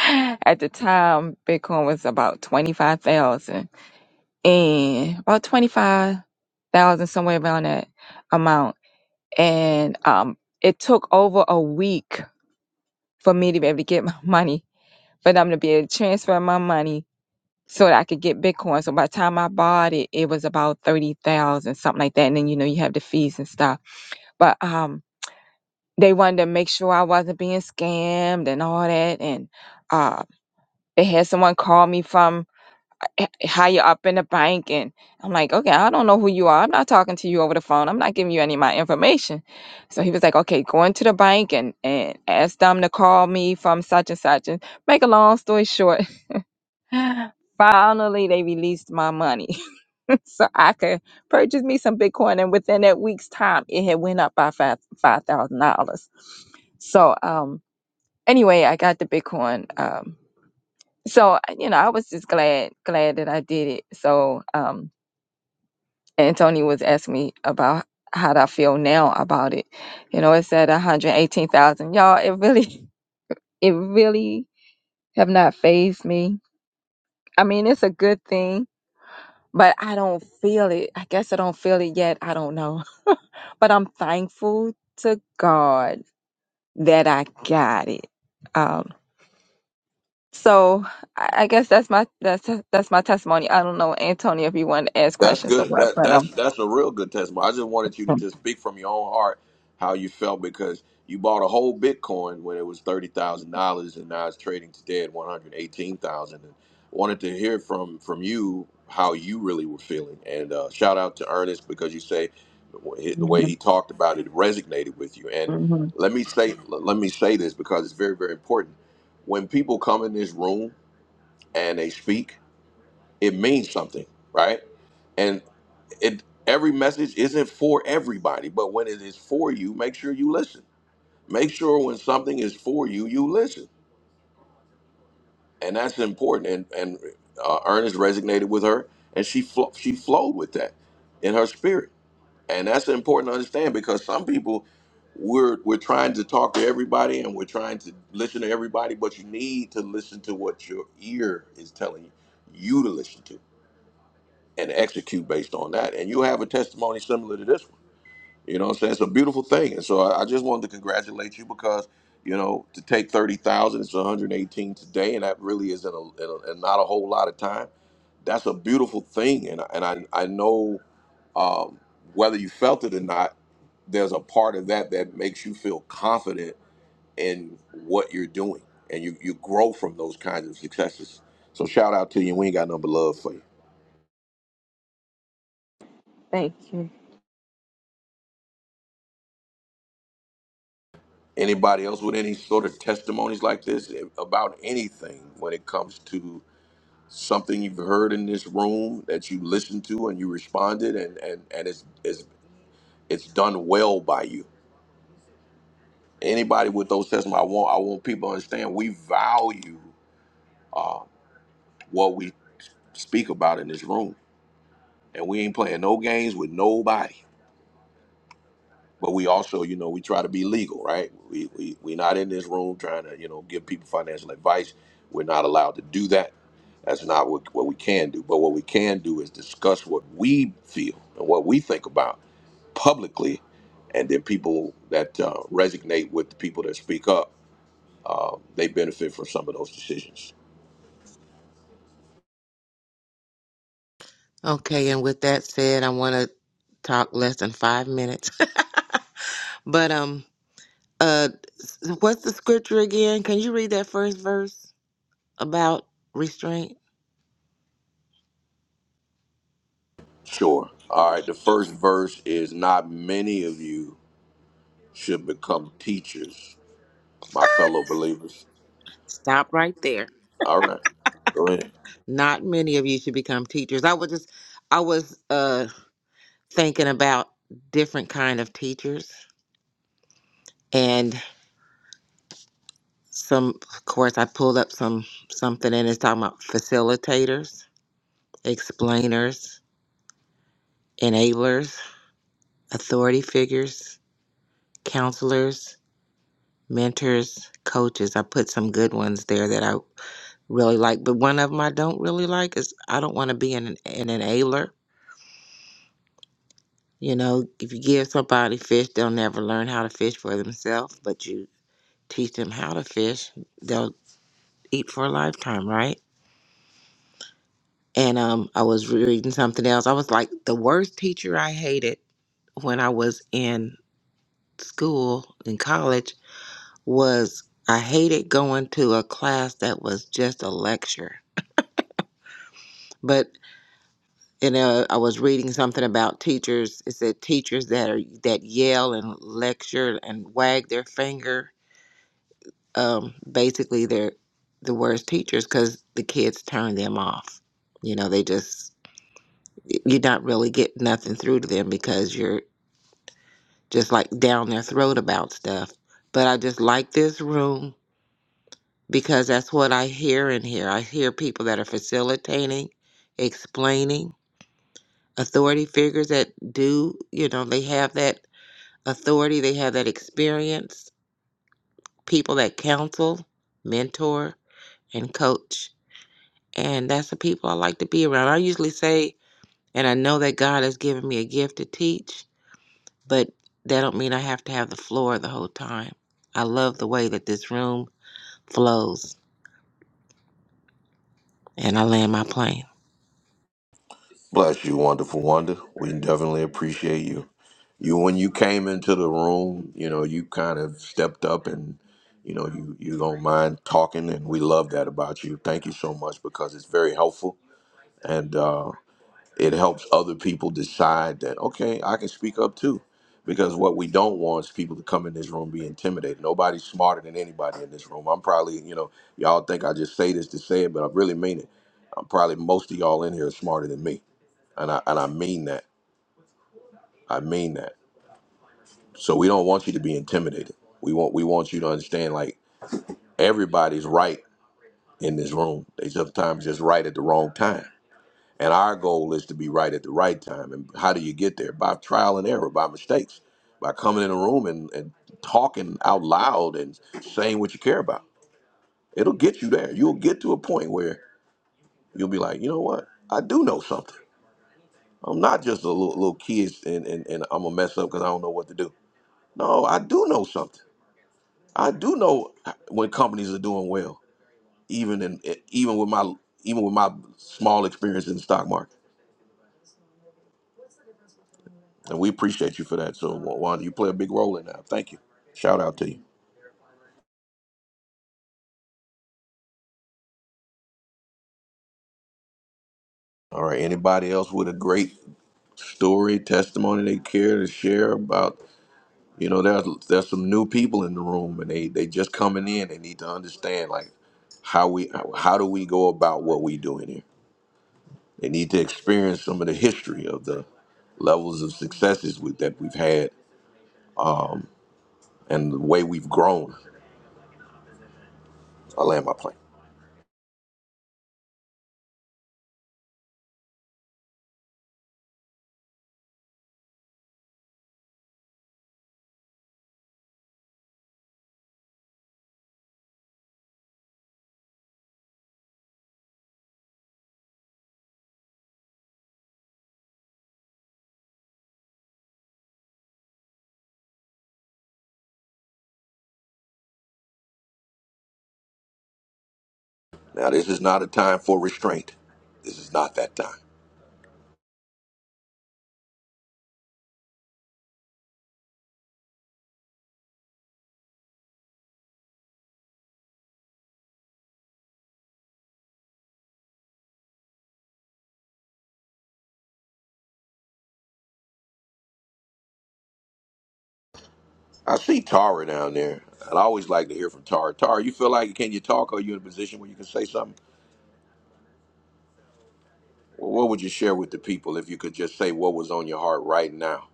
B: At the time, Bitcoin was about 25,000 and about 25,000, somewhere around that amount. And um, it took over a week for me to be able to get my money, for them to be able to transfer my money so that I could get Bitcoin. So by the time I bought it, it was about 30,000, something like that. And then, you know, you have the fees and stuff. But um, they wanted to make sure I wasn't being scammed and all that. And uh, they had someone call me from h- higher up in the bank and I'm like, okay, I don't know who you are. I'm not talking to you over the phone. I'm not giving you any of my information. So he was like, okay, go into the bank and, and ask them to call me from such and such. And make a long story short, finally they released my money. so I could purchase me some Bitcoin. And within that week's time, it had went up by five five thousand dollars. So um anyway, I got the Bitcoin. Um so you know, I was just glad glad that I did it. So um and Tony was asking me about how do I feel now about it. You know, it's at 118,000. Y'all, it really, it really have not phased me. I mean, it's a good thing, but I don't feel it. I guess I don't feel it yet. I don't know. but I'm thankful to God that I got it. Um, so I I guess that's my that's that's my testimony. I don't know, Antonio, if you want to ask
A: That's
B: questions or
A: good.
B: what,
A: That
B: but um
A: that's that's a real good testimony. I just wanted you to
B: Um,
A: just speak from your own heart how you felt because you bought a whole Bitcoin when it was thirty thousand dollars and now it's trading today at one hundred eighteen thousand. And wanted to hear from from you how you really were feeling. And uh, shout out to Ernest because you say the way
B: mhm,
A: he talked about it resonated with you. And
B: mhm.
A: let me say let me say this because it's very very important. When people come in this room and they speak it means something, right? And it every message isn't for everybody, but when it is for you, make sure you listen. Make sure when something is for you, you listen, and that's important. And and uh, Ernest resonated with her, and she flo- she flowed with that in her spirit, and that's important to understand because some people we're we're trying to talk to everybody and we're trying to listen to everybody, but you need to listen to what your ear is telling you to listen to and execute based on that. And you have a testimony similar to this one. You know what I'm saying? It's a beautiful thing. And so I, I just wanted to congratulate you because, you know, to take 30,000, it's 118 today, and that really is in, a, in, a, in not a whole lot of time. That's a beautiful thing. And, I- and I, I know um, whether you felt it or not, there's a part of that that makes you feel confident in what you're doing. And you, you grow from those kinds of successes. So shout out to you. We ain't got nothing but love for you.
B: Thank you.
A: Anybody else with any sort of testimonies like this about anything when it comes to something you've heard in this room that you listened to and you responded and and and it's it's it's done well by you. Anybody with those testimonies, I want I want people to understand we value uh, what we speak about in this room, and we ain't playing no games with nobody. but we also, you know, we try to be legal, right? We we we are not in this room trying to, you know, give people financial advice. We're not allowed to do that. That's not what, what we can do. But what we can do is discuss what we feel and what we think about publicly, and then people that uh, resonate with the people that speak up, uh, they benefit from some of those decisions.
D: Okay, and with that said, I want to talk less than five minutes. but um, uh, what's the scripture again? Can you read that first verse about restraint?
A: Sure. All right. The first verse is not many of you should become teachers, my fellow believers.
D: Stop right there.
A: All right. Go ahead.
D: Not many of you should become teachers. I was just, I was uh thinking about different kind of teachers, some of course I pulled up some something and it's talking about facilitators, explainers, enablers, authority figures, counselors, mentors, coaches. I put some good ones there that I really like, but one of them I don't really like is I don't want to be an, an enabler. You know, if you give somebody fish, they'll never learn how to fish for themselves, but you teach them how to fish, they'll eat for a lifetime, right? and um, I was reading something else. I was like, the worst teacher I hated when I was in school in college was I hated going to a class that was just a lecture. But you know, I was reading something about teachers. It said teachers that are that yell and lecture and wag their finger. Um, basically, they're the worst teachers because the kids turn them off. You know, they just you're not really getting nothing through to them because you're just like down their throat about stuff. But I just like this room because that's what I hear in here. I hear people that are facilitating, explaining, authority figures that do, you know, they have that authority, they have that experience, people that counsel, mentor, and coach. And that's the people I like to be around. I usually say, and I know that God has given me a gift to teach, but that don't mean I have to have the floor the whole time. I love the way that this room flows. And I land my plane.
A: Bless you, wonderful wonder. We definitely appreciate you. You when you came into the room, you know, you kind of stepped up and you know, you you don't mind talking and we love that about you. Thank you so much because it's very helpful. and. uh it helps other people decide that, okay, I can speak up too. Because what we don't want is people to come in this room be intimidated. Nobody's smarter than anybody in this room. I'm probably, you know, y'all think I just say this to say it, but I really mean it. I'm probably most of y'all in here are smarter than me. And I and I mean that. I mean that. So we don't want you to be intimidated. We want we want you to understand like everybody's right in this room. They sometimes just right at the wrong time And our goal is to be right at the right time. And how do you get there? By trial and error, by mistakes, by coming in a room and, and talking out loud and saying what you care about. It'll get you there. You'll get to a point where you'll be like, you know what? I do know something. I'm not just a little, little kid and, and, and I'm going to mess up because I don't know what to do. No, I do know something. I do know when companies are doing well, even in even with my even with my small experience in the stock market. And we appreciate you for that. So, Wanda, you play a big role in that. Thank you. Shout out to you. All right. Anybody else with a great story, testimony they care to share about? You know, there's there's some new people in the room, and they they just coming in. They need to understand like how we how do we go about what we do in here. They need to experience some of the history of the levels of successes with, that we've had and the way we've grown. I land my plane. Now, this is not a time for restraint. This is not that time. I see Tara down there. and i always like to hear from Tara. Tara, you feel like can you talk? Are you in a position where you can say something? Well, what would you share with the people if you could just say what was on your heart right now?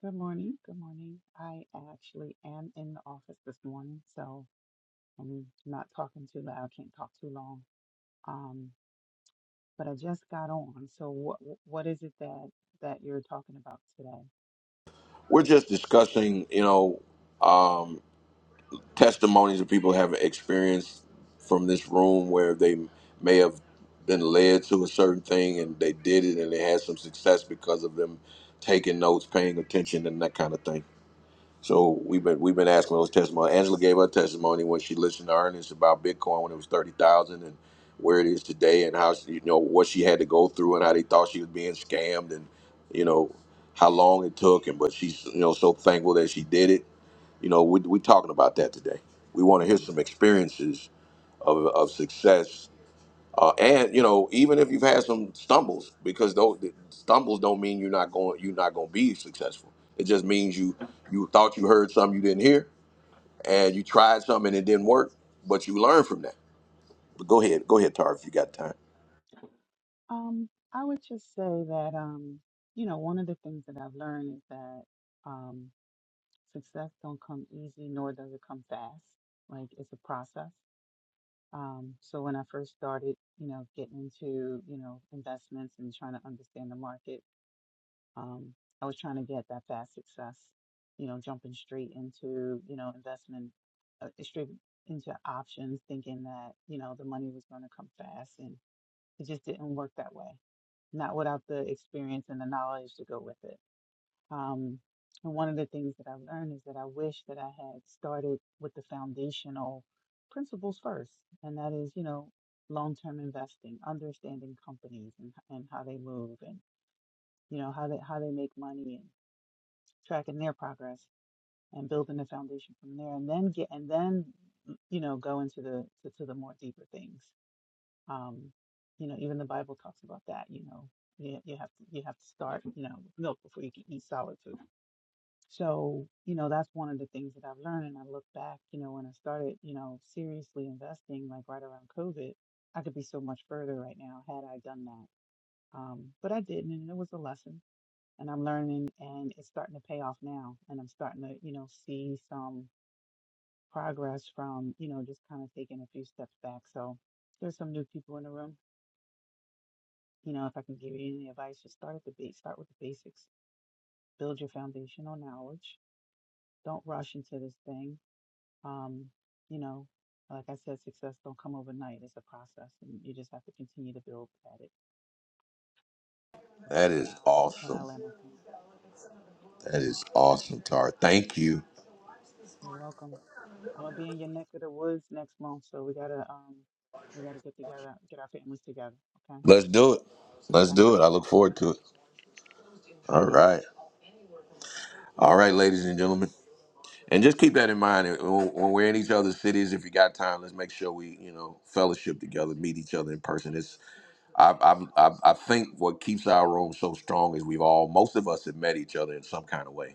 J: Good morning. Good morning. I actually am in the office this morning, so I'm not talking too loud. I can't talk too long. Um, but I just got on. So what what is it that that you're talking about today?
A: We're just discussing, you know, um, testimonies that people have experienced from this room where they may have been led to a certain thing and they did it and they had some success because of them taking notes, paying attention, and that kind of thing. So we've been we've been asking those testimony. Angela gave her testimony when she listened to Ernest about Bitcoin when it was thirty thousand and where it is today and how she, you know what she had to go through and how they thought she was being scammed and you know how long it took and but she's you know so thankful that she did it. You know we we talking about that today. We want to hear
J: hmm
A: some experiences of of success uh, and you know even if you've had some stumbles because those the stumbles don't mean you're not going you're not going to be successful it just means you you thought you heard something you didn't hear and you tried something and it didn't work but you learned from that but go ahead go ahead tar if you got time
J: Um, I would just say that um, you know, one of the things that I've learned is that um, success don't come easy, nor does it come fast. Like it's a process. Um, so when I first started, you know, getting into, you know, investments and trying to understand the market. Um, I was trying to get that fast success, you know, jumping straight into, you know, investment, uh, straight into options, thinking that, you know, the money was going to come fast. And it just didn't work that way, not without the experience and the knowledge to go with it. Um, and one of the things that I learned is that I wish that I had started with the foundational principles first, and that is, you know, long-term investing, understanding companies and, and how they move and, you know, how they, how they make money tracking their progress and building the foundation from there and then get and then you know go into the to, to the more deeper things um you know even the bible talks about that you know you, you have to you have to start you know with milk before you can eat solid food so you know that's one of the things that i've learned and i look back you know when i started you know seriously investing like right around covid i could be so much further right now had i done that um but i didn't and it was a lesson and I'm learning and it's starting to pay off now and I'm starting to, you know, see some progress from, you know, just kind of taking a few steps back. So there's some new people in the room. You know, if I can give you any advice, just start at the base, start with the basics, build your foundational knowledge. Don't rush into this thing. Um, you know, like I said, success don't come overnight. It's a process and you just have to continue to build at it.
A: that is
J: And I
A: awesome
J: land my plane.
A: that is awesome tar thank you
J: You're welcome. I'm gonna be in your neck of the woods next month, so we gotta um we gotta get together, get our families together. Okay,
A: let's do it let's
J: okay.
A: do it i look forward to it all right all right ladies and gentlemen And just keep that in mind when when we're in each other's cities. If you got time, let's make sure we, you know, fellowship together, meet each other in person. It's I, I, I, I think what keeps our room so strong is we've all most of us have met each other in some kind of way,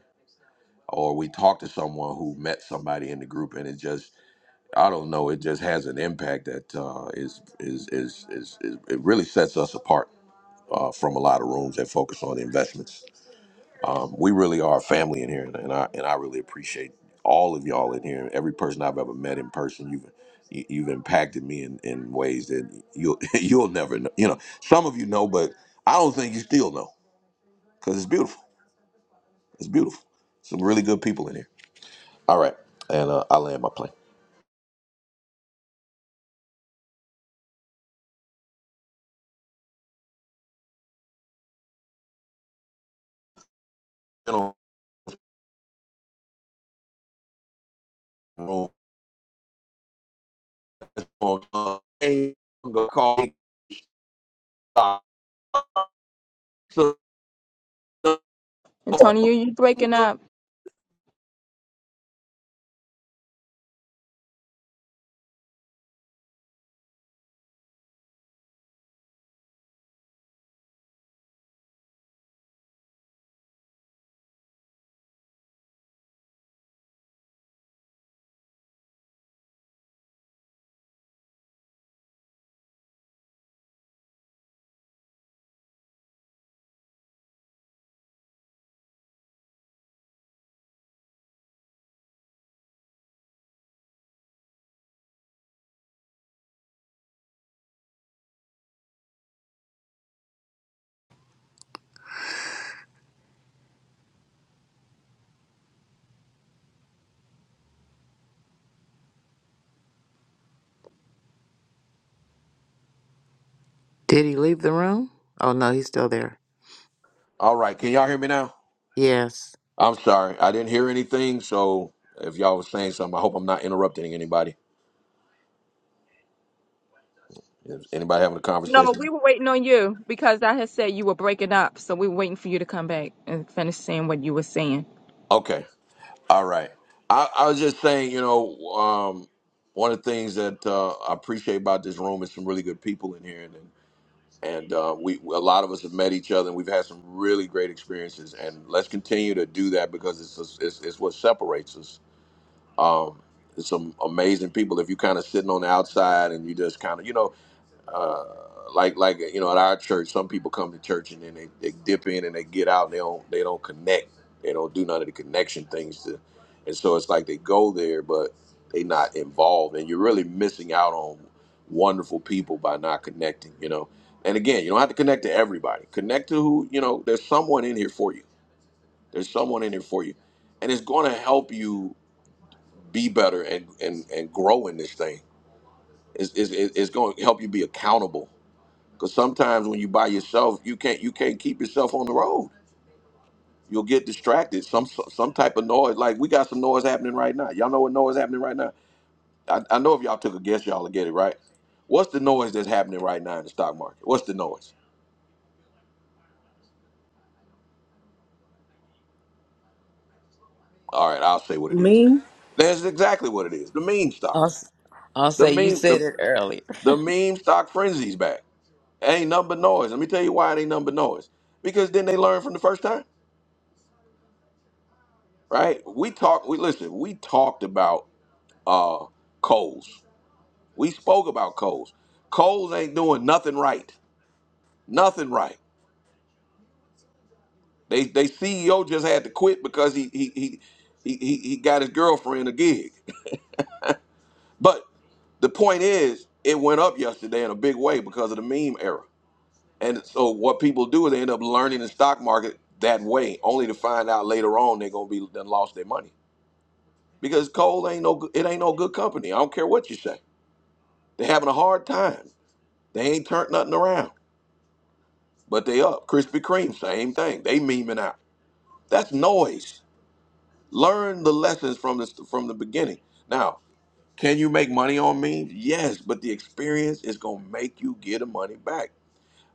A: or we talked to someone who met somebody in the group, and it just I don't know, it just has an impact that uh, is, is is is is it really sets us apart uh, from a lot of rooms that focus on investments. Um, we really are a family in here, and, and I and I really appreciate all of y'all in here. Every person I've ever met in person, you've you- you've impacted me in, in ways that you'll you'll never know. You know, some of you know, but I don't think you still know because it's beautiful. It's beautiful. Some really good people in here. All right, and uh, I land my plane. You know, go go- go call me.
B: Antonio, you breaking up.
D: Did he leave the room? Oh no, he's still there.
A: All right, can y'all hear me now?
D: Yes.
A: I'm sorry, I didn't hear anything. So if y'all was saying something, I hope I'm not interrupting anybody. Is anybody having a
B: No,
A: conversation?
B: we were waiting on you because I had said you were breaking up. So we were waiting for you to come back and finish saying what you were saying.
A: Okay. All right. I, I was just saying, you know, um, one of the things that uh, I appreciate about this room is some really good people in here, and and uh, we a lot of us have met each other, and we've had some really great experiences. And let's continue to do that because it's it's, it's what separates us. Um, there's some amazing people. If you're kind of sitting on the outside and you just kind of, you know, uh, like like you know at our church some people come to church and then they, they dip in and they get out and they don't they don't connect they don't do none of the connection things to and so it's like they go there but they not involved and you're really missing out on wonderful people by not connecting you know and again you don't have to connect to everybody connect to who you know there's someone in here for you there's someone in here for you and it's going to help you be better and and and grow in this thing it's, it's, it's going to help you be accountable because sometimes when you by yourself, you can't you can't keep yourself on the road. You'll get distracted. Some so, some type of noise. Like we got some noise happening right now. Y'all know what noise happening right now? I, I know if y'all took a guess, y'all would get it right. What's the noise that's happening right now in the stock market? What's the noise? All right, I'll say what it is.
C: Me.
A: That's exactly what it is. The meme
D: I'll,
A: stocks.
D: s- I'll
A: The
D: say you
A: meme the,
D: said it earlier.
A: the meme stock frenzy's back. Ain't number noise. Let me tell you why it ain't number noise. Because then they learn from the first time, right? We talked. We listen. We talked about uh Coles. We spoke about Coles. Coles ain't doing nothing right. Nothing right. They they CEO just had to quit because he he he he, he he got his girlfriend a gig. But the point is, it went up yesterday in a big way because of the meme era. And so what people do is they end up learning the stock market that way, only to find out later on they're gonna be done lost their money because Coles ain't no good- it ain't no good company. I don't care what you say. They're having a hard time. They ain't turned nothing around. but they up. Krispy Kreme, same thing. They memeing out. That's noise. Learn the lessons from this from the beginning. Now, can you make money on memes? Yes, but the experience is gonna make you get the money back.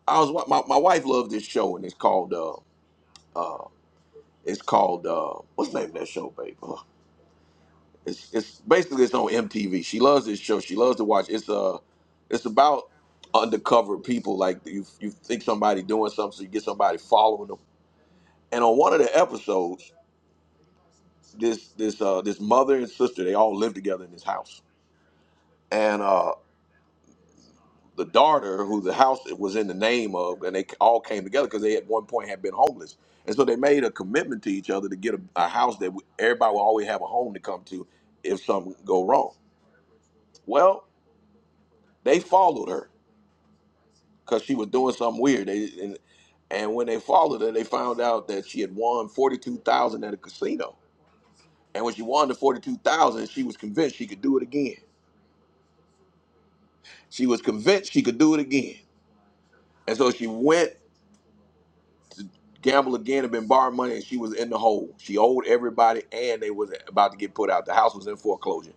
A: I was wa- my, my wife loved this show and it's called uh uh it's called uh what's the name of that show, babe? Ugh. It's it's basically it's on MTV. She loves this show. She loves to watch. It's uh it's about undercover people. Like you you think somebody doing something, so you get somebody following them. And on one of the episodes. this this uh this mother and sister they all lived together in this house and uh the daughter who the house was in the name of and they all came together because they at one point had been homeless and so they made a commitment to each other to get a, a house that everybody will always have a home to come to if something go wrong well they followed her because she was doing something weird they and, and when they followed her they found out that she had won 42000 at a casino and when she won the 42000 she was convinced she could do it again she was convinced she could do it again And so she went, gambled again, and been borrowed money, and she was in the hole. She owed everybody, and they was about to get put out. The house was in foreclosure.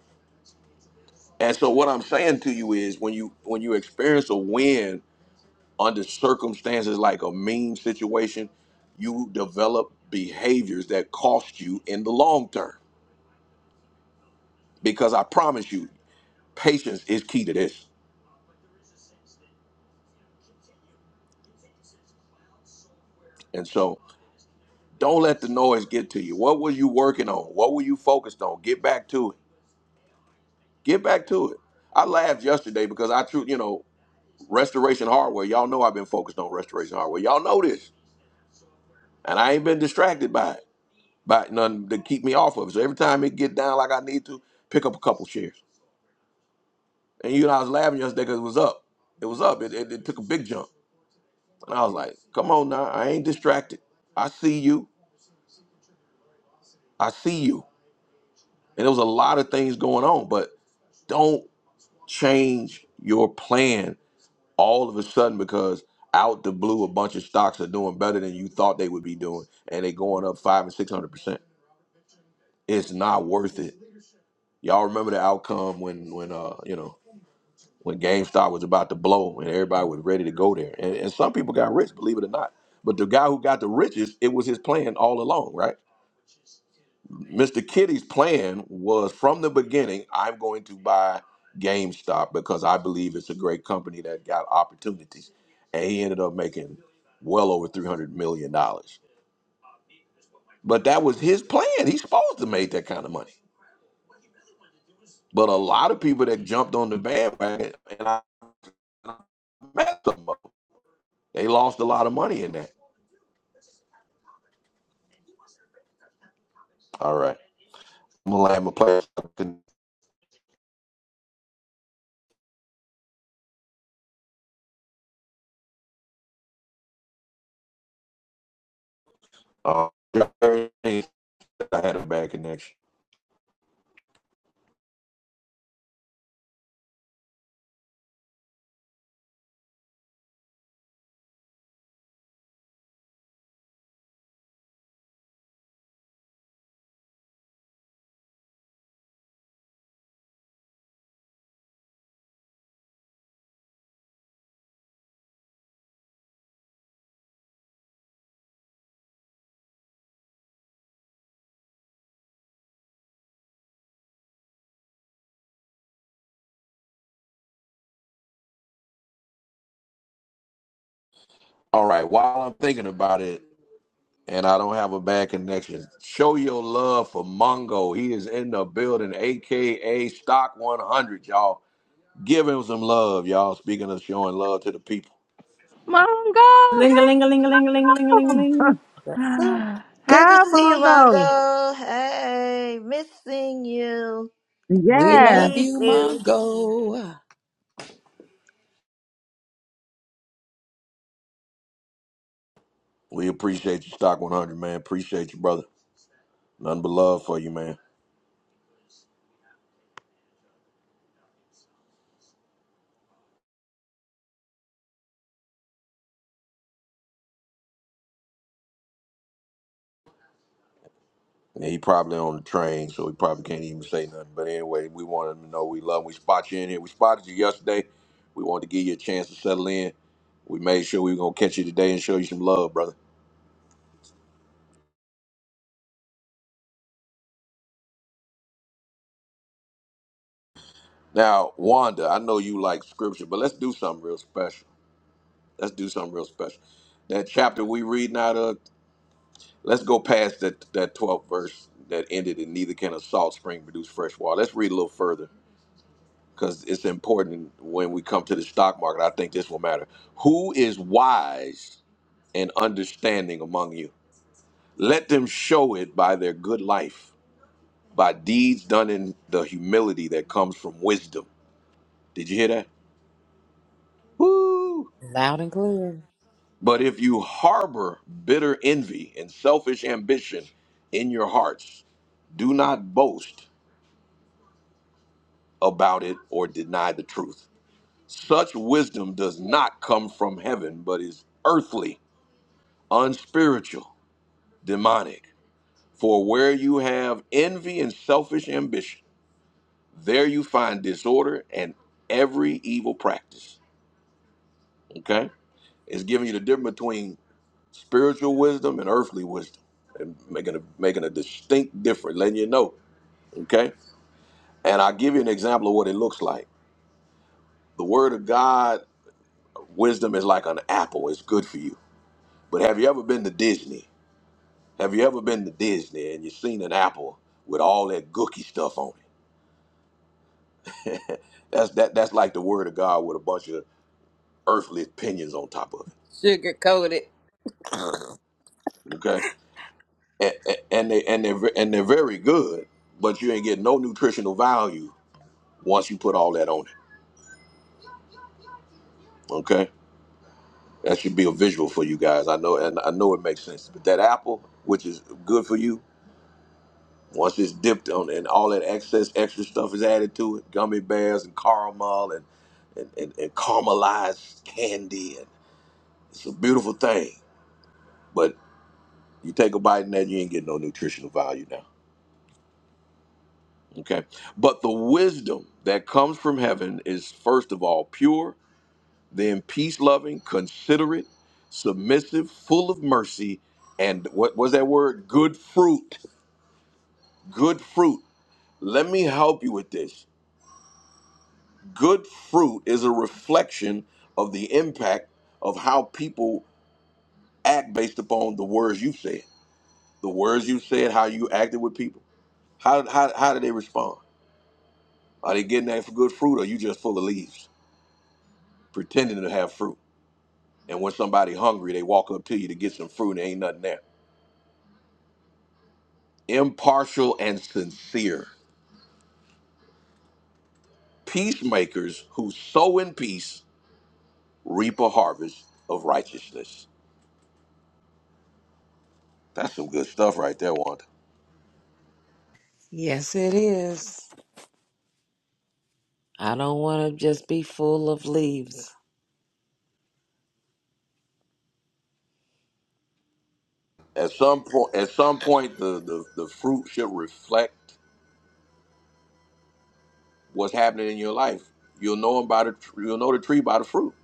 A: And so what I'm saying to you is, when you when you experience a win under circumstances like a mean situation, you develop behaviors that cost you in the long term. Because I promise you, patience is key to this. And so don't let the noise get to you. What were you working on? What were you focused on? Get back to it Get back to it. I laughed yesterday because I true, you know, restoration hardware. Y'all know I've been focused on restoration hardware. Y'all know this, and I ain't been distracted by it, by nothing to keep me off of it. So every time it get down like I need to, pick up a couple shares. And you know, I was laughing yesterday because it was up. It was up. It, it, it took a big jump, and I was like, "Come on now, I ain't distracted. I see you. I see you." And there was a lot of things going on, but don't change your plan. all of a sudden because out the blue a bunch of stocks are doing better than you thought they would be doing and they going up five and six hundred percent it's not worth it y'all remember the outcome when when uh you know when gamestop was about to blow and everybody was ready to go there and, and some people got rich believe it or not but the guy who got the richest it was his plan all along right Mr. Kitty's plan was from the beginning, I'm going to buy GameStop because I believe it's a great company that got opportunities. And he ended up making well over $300 million. dollars. But that was his plan. He's supposed to make that kind of money. But a lot of people that jumped on the bandwagon, and I and met some of them, they lost a lot of money in that. All right. I'm going to land my plane. Uh, I had a bad connection. All right. While I'm thinking about it, and I don't have a bad connection. Show your love for Mongo. He is in the building, aka Stock 100, y'all. Give him some love, y'all. Speaking of showing love to the people,
B: Mongo,
C: Linga linga linga linga linga
B: how?
C: linga linga ling. a ling a ling.
E: Yes, sir. Good to
B: how,
E: see you,
B: Mongo?
E: Mongo. Hey, missing you.
D: We
E: We
B: Yes.
D: love
E: need
D: you,
E: you.
D: Mongo.
A: we appreciate you, Stock 100, man. Appreciate you, brother. Nothing but love for you, man. And he probably on the train, so he probably can't even say nothing. But anyway, we wanted him to know we love him. We spot you in here. We spotted you yesterday. We wanted to give you a chance to settle in. We made sure we were gonna catch you today and show you some love, brother. Now, Wanda, I know you like scripture, but let's do something real special. Let's do something real special. That chapter we reading out of, let's go past that that 12th verse that ended in neither can a salt spring produce fresh water. Let's read a little further because it's important when we come to the stock market. I think this will matter. Who is wise and understanding among you? Let them show it by their good life, by deeds done in the humility that comes from wisdom. Did you hear that? Woo!
D: Loud and clear.
A: But if you harbor bitter envy and selfish ambition in your hearts, do not boast about it or deny the truth. Such wisdom does not come from heaven, but is earthly, unspiritual, demonic. For where you have envy and selfish ambition, there you find disorder and every evil practice. Okay? It's giving you the difference between spiritual wisdom and earthly wisdom and making a making a distinct difference letting you know okay and i'll give you an example of what it looks like the word of god wisdom is like an apple it's good for you but have you ever been to disney have you ever been to disney and you seen an apple with all that gooky stuff on it that's that that's like the word of god with a bunch of earthly opinions on top of it
D: Sugar coated.
A: okay and, and and they and they and they're very good but you ain't getting no nutritional value once you put all that on it Okay, that should be a visual for you guys. I know, and I know it makes sense. But that apple, which is good for you, once it's dipped on and all that excess extra stuff is added to it, gummy bears and caramel and and, and, and caramelized candy, and it's a beautiful thing. But you take a bite and that you ain't getting no nutritional value now. Okay, but the wisdom that comes from heaven is first of all pure Then peace loving, considerate, submissive, full of mercy, and what was that word? Good fruit. Good fruit. Let me help you with this. Good fruit is a reflection of the impact of how people act based upon the words you said. The words you said, how you acted with people. How, how, how did they respond? Are they getting that good fruit or you just full of leaves, pretending to have fruit? And when somebody hungry, they walk up to you to get some fruit and ain't nothing there. impartial and sincere, peacemakers who sow in peace reap a harvest of righteousness. That's some good stuff right there, Wanda.
D: yes, it is. I don't want to just be full of leaves.
A: At some point, at some point, the, the, the fruit should reflect what's happening in your life. You'll know 'em by the tr- you'll know the tree by the fruit.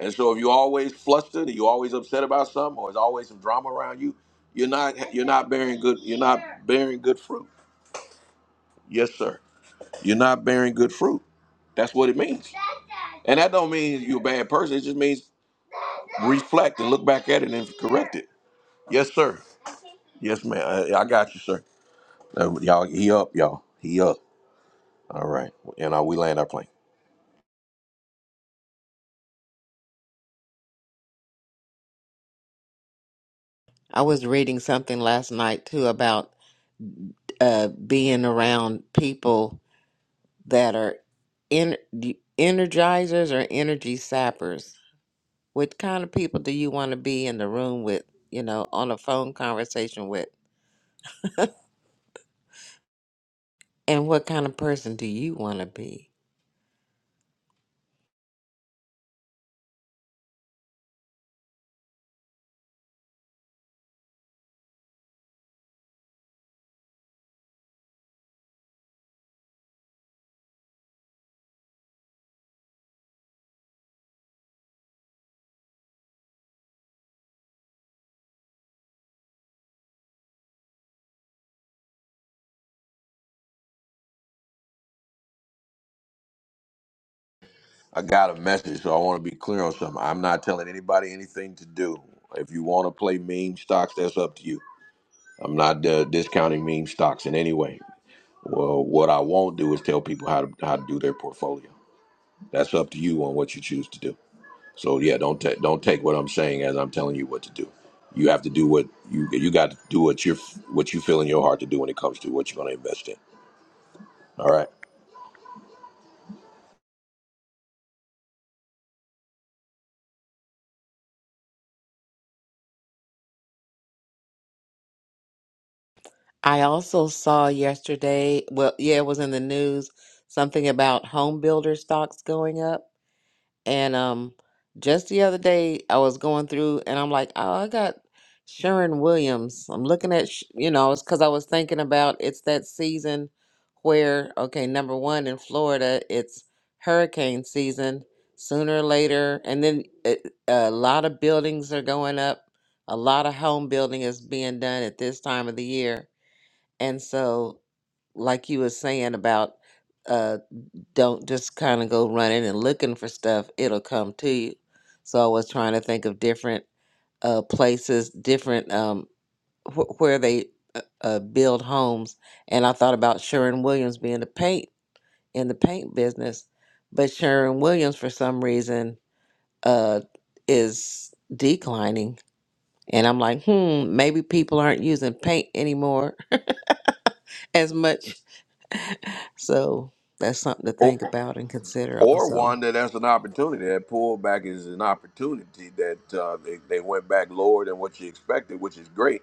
A: And so, if you're always flustered, or you're always upset about something, or there's always some drama around you, you're not you're not bearing good you're not bearing good fruit. Yes, sir. You're not bearing good fruit. That's what it means. And that don't mean you're a bad person. It just means reflect and look back at it and correct it. Yes, sir. Yes, ma'am. I, I got you, sir. Uh, y'all, he up, y'all. He up. All right. And uh, we land our plane.
D: I was reading something last night too about uh, being around people that are in energizers or energy sappers What kind of people do you want to be in the room with, you know, on a phone conversation with? And what kind of person do you want to be?
A: I got a message, so I want to be clear on something. I'm not telling anybody anything to do. If you want to play meme stocks, that's up to you. I'm not uh, discounting meme stocks in any way. Well, what I won't do is tell people how to how to do their portfolio. That's up to you on what you choose to do. So yeah, don't ta- don't take what I'm saying as I'm telling you what to do. You have to do what you you got to do what you are what you feel in your heart to do when it comes to what you're going to invest in. All right.
D: I also saw yesterday, well, yeah, it was in the news, something about home builder stocks going up. And um, just the other day, I was going through, and I'm like, oh, I got Sharon Williams. I'm looking at, sh- you know, it's because I was thinking about it's that season where, okay, number one in Florida, it's hurricane season sooner or later, and then it, a lot of buildings are going up. A lot of home building is being done at this time of the year, and so, like you were saying about. uh, don't just kind of go running and looking for stuff it'll come to you so i was trying to think of different uh places different um wh- where they uh, uh, build homes and i thought about sharon williams being the paint in the paint business but sharon williams for some reason uh is declining and i'm like hmm maybe people aren't using paint anymore as much so that's something to
A: Or,
D: think about and consider
A: or
D: also
A: one that that's an opportunity. That pullback is an opportunity that uh, they, they went back lower than what you expected, which is great.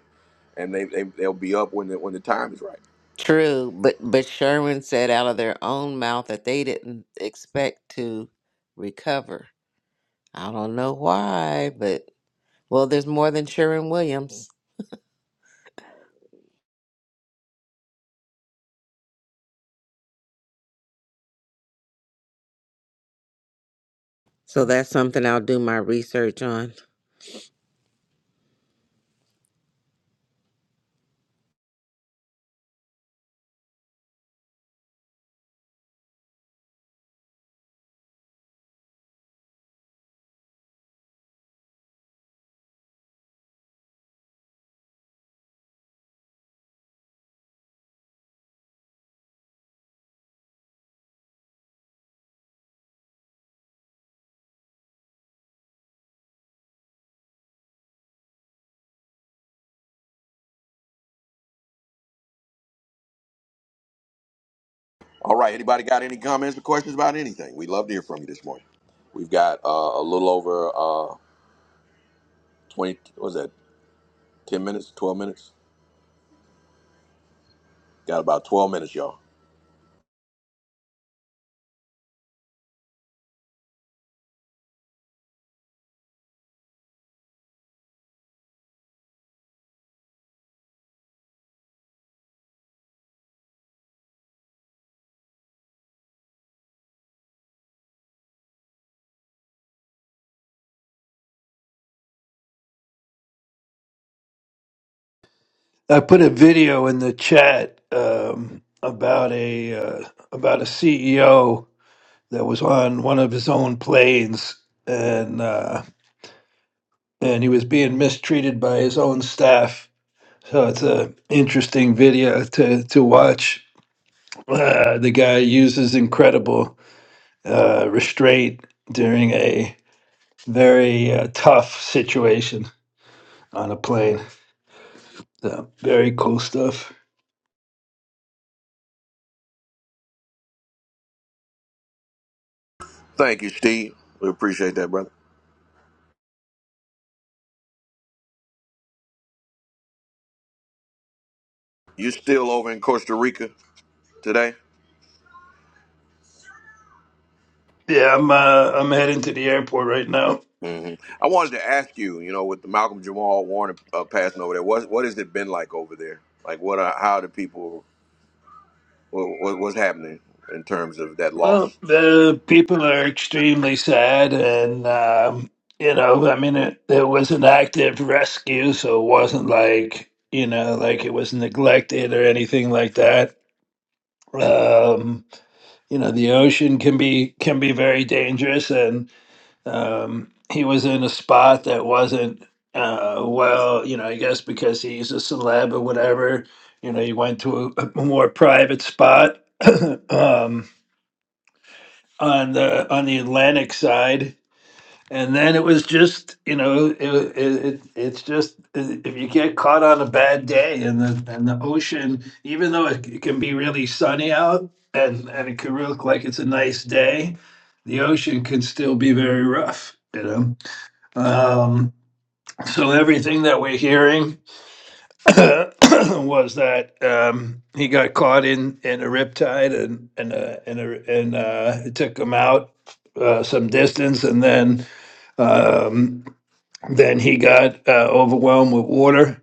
A: And they, they, they'll be up when the, when the time is right.
D: True, but but Sherman said out of their own mouth that they didn't expect to recover. I don't know why, but well, there's more than Sherman Williams. So that's something I'll do my research on.
A: All right. Anybody got any comments or questions about anything? We'd love to hear from you this morning. We've got uh, a little over uh, 20, what was that, 10 minutes, 12 minutes? Got about 12 minutes, y'all.
K: I put a video in the chat um, about a uh, about a CEO that was on one of his own planes, and uh, and he was being mistreated by his own staff. So it's a interesting video to to watch. Uh, the guy uses incredible uh, restraint during a very uh, tough situation on a plane. So very cool stuff.
A: Thank you, Steve. We appreciate that, brother. You still over in Costa Rica today?
K: Yeah, I'm uh, I'm heading to the airport right now.
A: hmm I wanted to ask you, you know, with the Malcolm Jamal Warner uh, passing over there, what what has it been like over there? Like, what are how do people what, what what's happening in terms of that
K: Well,
A: loss?
K: the people are extremely sad, and um, you know, I mean, it, it was an active rescue, so it wasn't like you know, like it was neglected or anything like that. Um, you know, the ocean can be can be very dangerous, and um, he was in a spot that wasn't uh, well. You know, I guess because he's a celeb or whatever. You know, he went to a, a more private spot. um, on the on the Atlantic side, and then it was just you know it, it, it it's just uh, if you get caught on a bad day and the and the ocean, even though it, c- can be really sunny out and and it can look like it's a nice day, the ocean can still be very rough. You know, um, so everything that we're hearing was that um, he got caught in in a riptide and and uh, and a, and uh, it took him out uh, some distance, and then um, then he got uh, overwhelmed with water,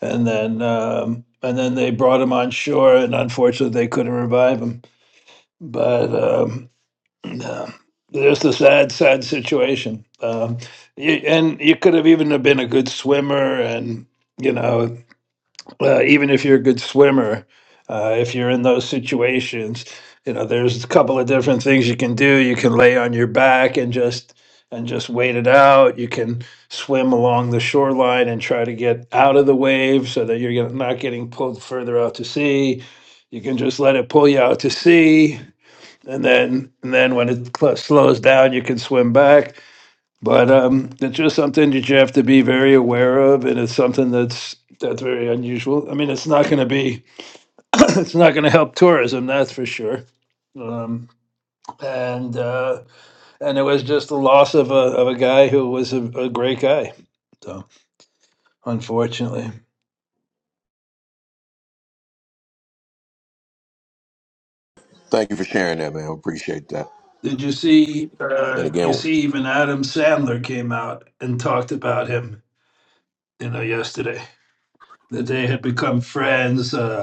K: and then um, and then they brought him on shore, and unfortunately they couldn't revive him. But um, yeah, just a sad, sad situation. Um, you, and you could have even have been a good swimmer, and you know uh, even if you're a good swimmer, uh, if you're in those situations, you know, there's a couple of different things you can do. You can lay on your back and just and just wait it out. You can swim along the shoreline and try to get out of the wave so that you're get- not getting pulled further out to sea. You can just let it pull you out to sea, and then and then when it cl- slows down, you can swim back but um, it's just something that you have to be very aware of, and it's something that's that's very unusual. I mean, it's not going to be, it's not going to help tourism, that's for sure. Um, and uh, and it was just the loss of a of a guy who was a, a great guy. So unfortunately,
A: Thank you for sharing that, man. I Appreciate that.
K: did you see?
A: And
K: Uh, you
A: again,
K: see, even Adam Sandler came out and talked about him. You know, yesterday that they had become friends. Uh,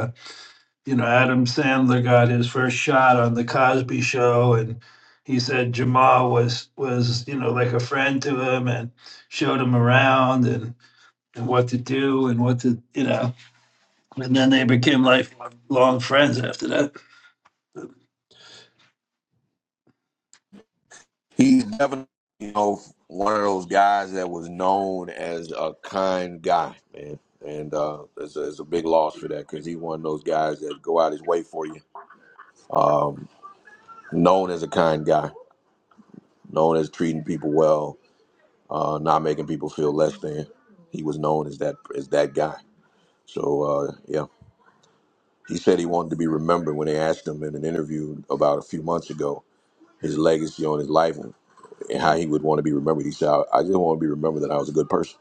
K: you know, Adam Sandler got his first shot on the Cosby Show, and he said Jamal was was you know like a friend to him and showed him around and, and what to do and what to you know, and then they became lifelong friends after that.
A: He's definitely, you know, one of those guys that was known as a kind guy, man. And uh, it's, a, it's a big loss for that because he's one of those guys that go out his way for you. Known as a kind guy, known as treating people well, uh, not making people feel less than. He was known as that as that guy. So uh, yeah, he said he wanted to be remembered when they asked him in an interview about a few months ago his legacy on his life and how he would want to be remembered. He said, "I I just want to be remembered that I was a good person."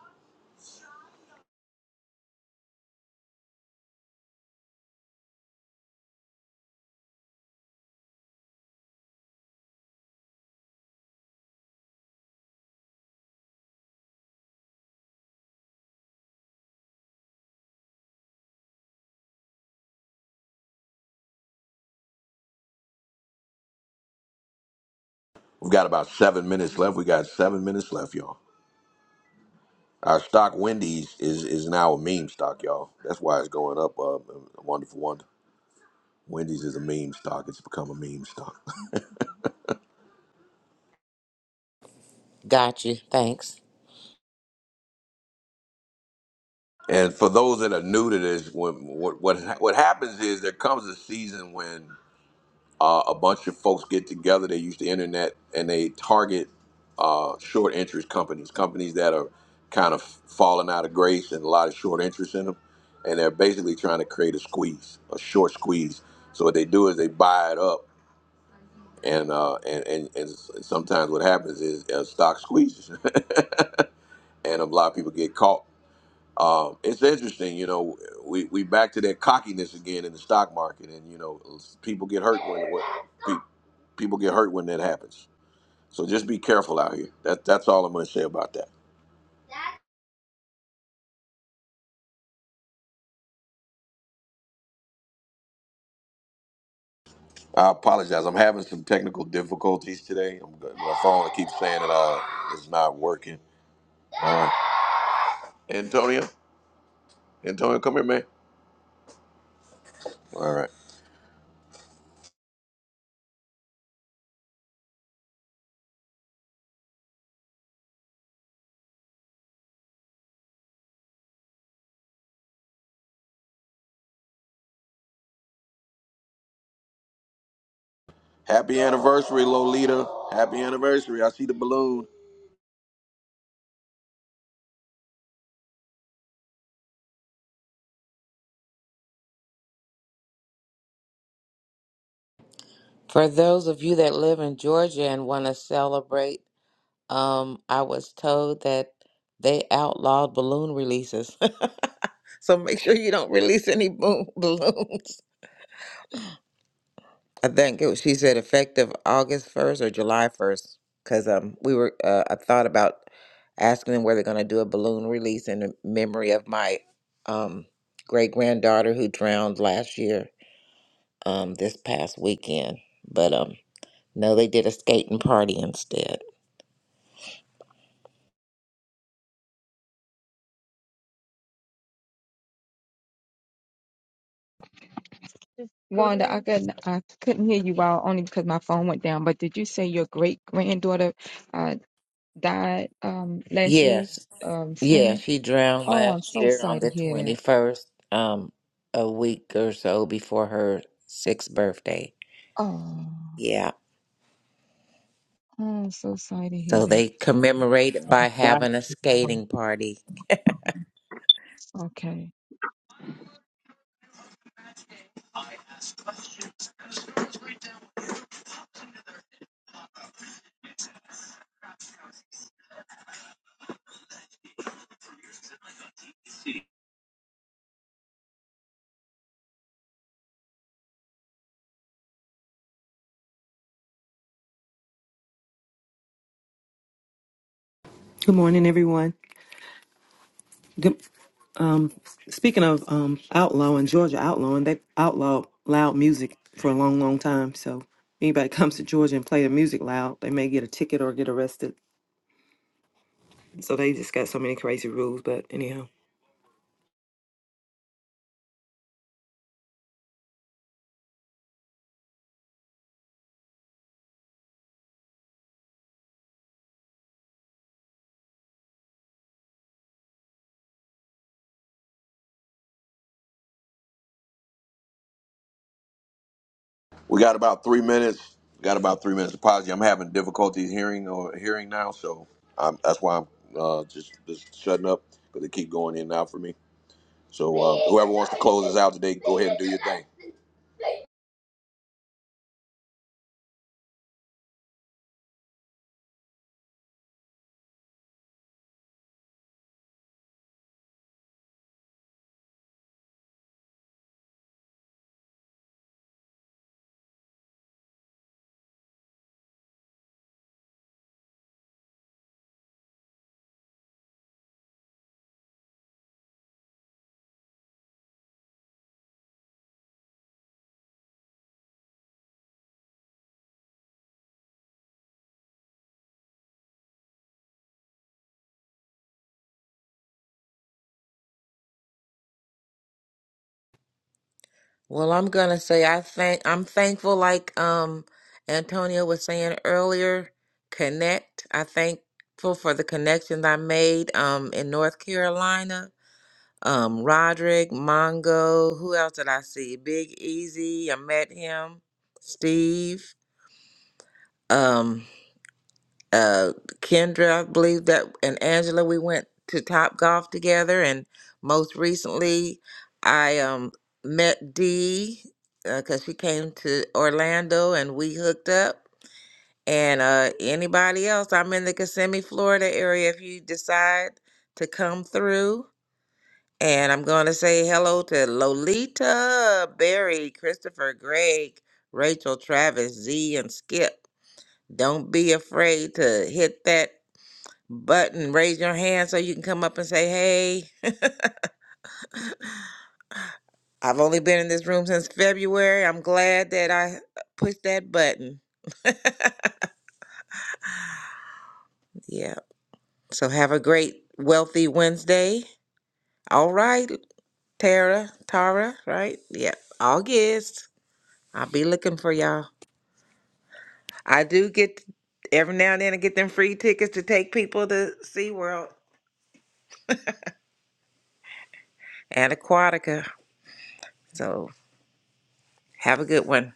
A: We've got about seven minutes left. We got seven minutes left, y'all. Our stock Wendy's is is now a meme stock, y'all. That's why it's going up. Uh, wonderful wonder. Wendy's is a meme stock. It's become a meme stock.
D: Got you. Thanks.
A: And for those that are new to this, when, what what what happens is there comes a season when uh, a bunch of folks get together. They use the internet and they target uh, short interest companies, companies that are kind of falling out of grace and a lot of short interest in them. And they're basically trying to create a squeeze, a short squeeze. So what they do is they buy it up. And, uh, and, and and sometimes what happens is uh, stock squeezes, and a lot of people get caught. Um, it's interesting, you know. We we back to that cockiness again in the stock market, and you know people get hurt when, when People get hurt when that happens. So just be careful out here. That, that's all I'm going to say about that. I apologize. I'm having some technical difficulties today. I'm, go- my phone keeps saying it all. It's not working. Antonio, Antonio, come here, man. All right. Happy anniversary, Lolita. Happy anniversary. I see the balloon.
D: For those of you that live in Georgia and want to celebrate, um, I was told that they outlawed balloon releases. so make sure you don't release any boom balloons. I think it was, she said effective August 1st or July 1st because um we were uh, I thought about asking them where they're going to do a balloon release in memory of my um great granddaughter who drowned last year um this past weekend but um no they did a skating party instead.
B: Wanda, I couldn't I couldn't hear you all only because my phone went down. But did you say your great granddaughter uh, died um, last year
D: Yes.
B: um,
D: Yeah,
B: swimming?
D: she drowned
B: Oh, I'm
D: last
B: so
D: year on
B: sorry to
D: the
B: hear that.
D: 21st um a week or so before her 6th birthday.
B: Oh,
D: Yeah.
B: I'm so sorry to hear
D: So
B: that.
D: they commemorate it by
L: Back
D: having a skating party.
B: Okay.
M: Good morning, everyone. Good, um, speaking of um, outlawing, Georgia outlawing, they outlawed loud music for a long, long time. So anybody comes to Georgia and play the music loud, they may get a ticket or get arrested. So they just got so many crazy rules. But anyhow.
A: We got about three minutes. We got about three minutes. Apology. I'm having difficulties hearing or hearing now, so I'm, that's why I'm uh, just just shutting up because it keep going in and out for me. So uh, whoever wants to close us out today, go ahead and do your thing.
D: Well, I'm gonna say I thank I'm thankful like um Antonio was saying earlier, connect. I thankful for the connections I made um in North Carolina. Um Roderick, Mongo, who else did I see? Big Easy, I met him, Steve. Um. uh Kendra, I believe that and Angela, we went to Top Golf together and most recently I um met Dee because she came to Orlando and we hooked up. And uh anybody else, I'm in the Kissimmee, Florida area if you decide to come through. And I'm gonna say hello to Lolita, Barry, Christopher, Greg, Rachel, Travis, Z, and Skip. Don't be afraid to hit that button, raise your hand so you can come up and say, Hey, I've only been in this room since February. I'm glad that I pushed that button. Yeah. So have a great, wealthy Wednesday. All right, Tara, Tara, right? Yeah. August. I'll be looking for y'all. I do get every now and then I get them free tickets to take people to SeaWorld and Aquatica. So have a good one.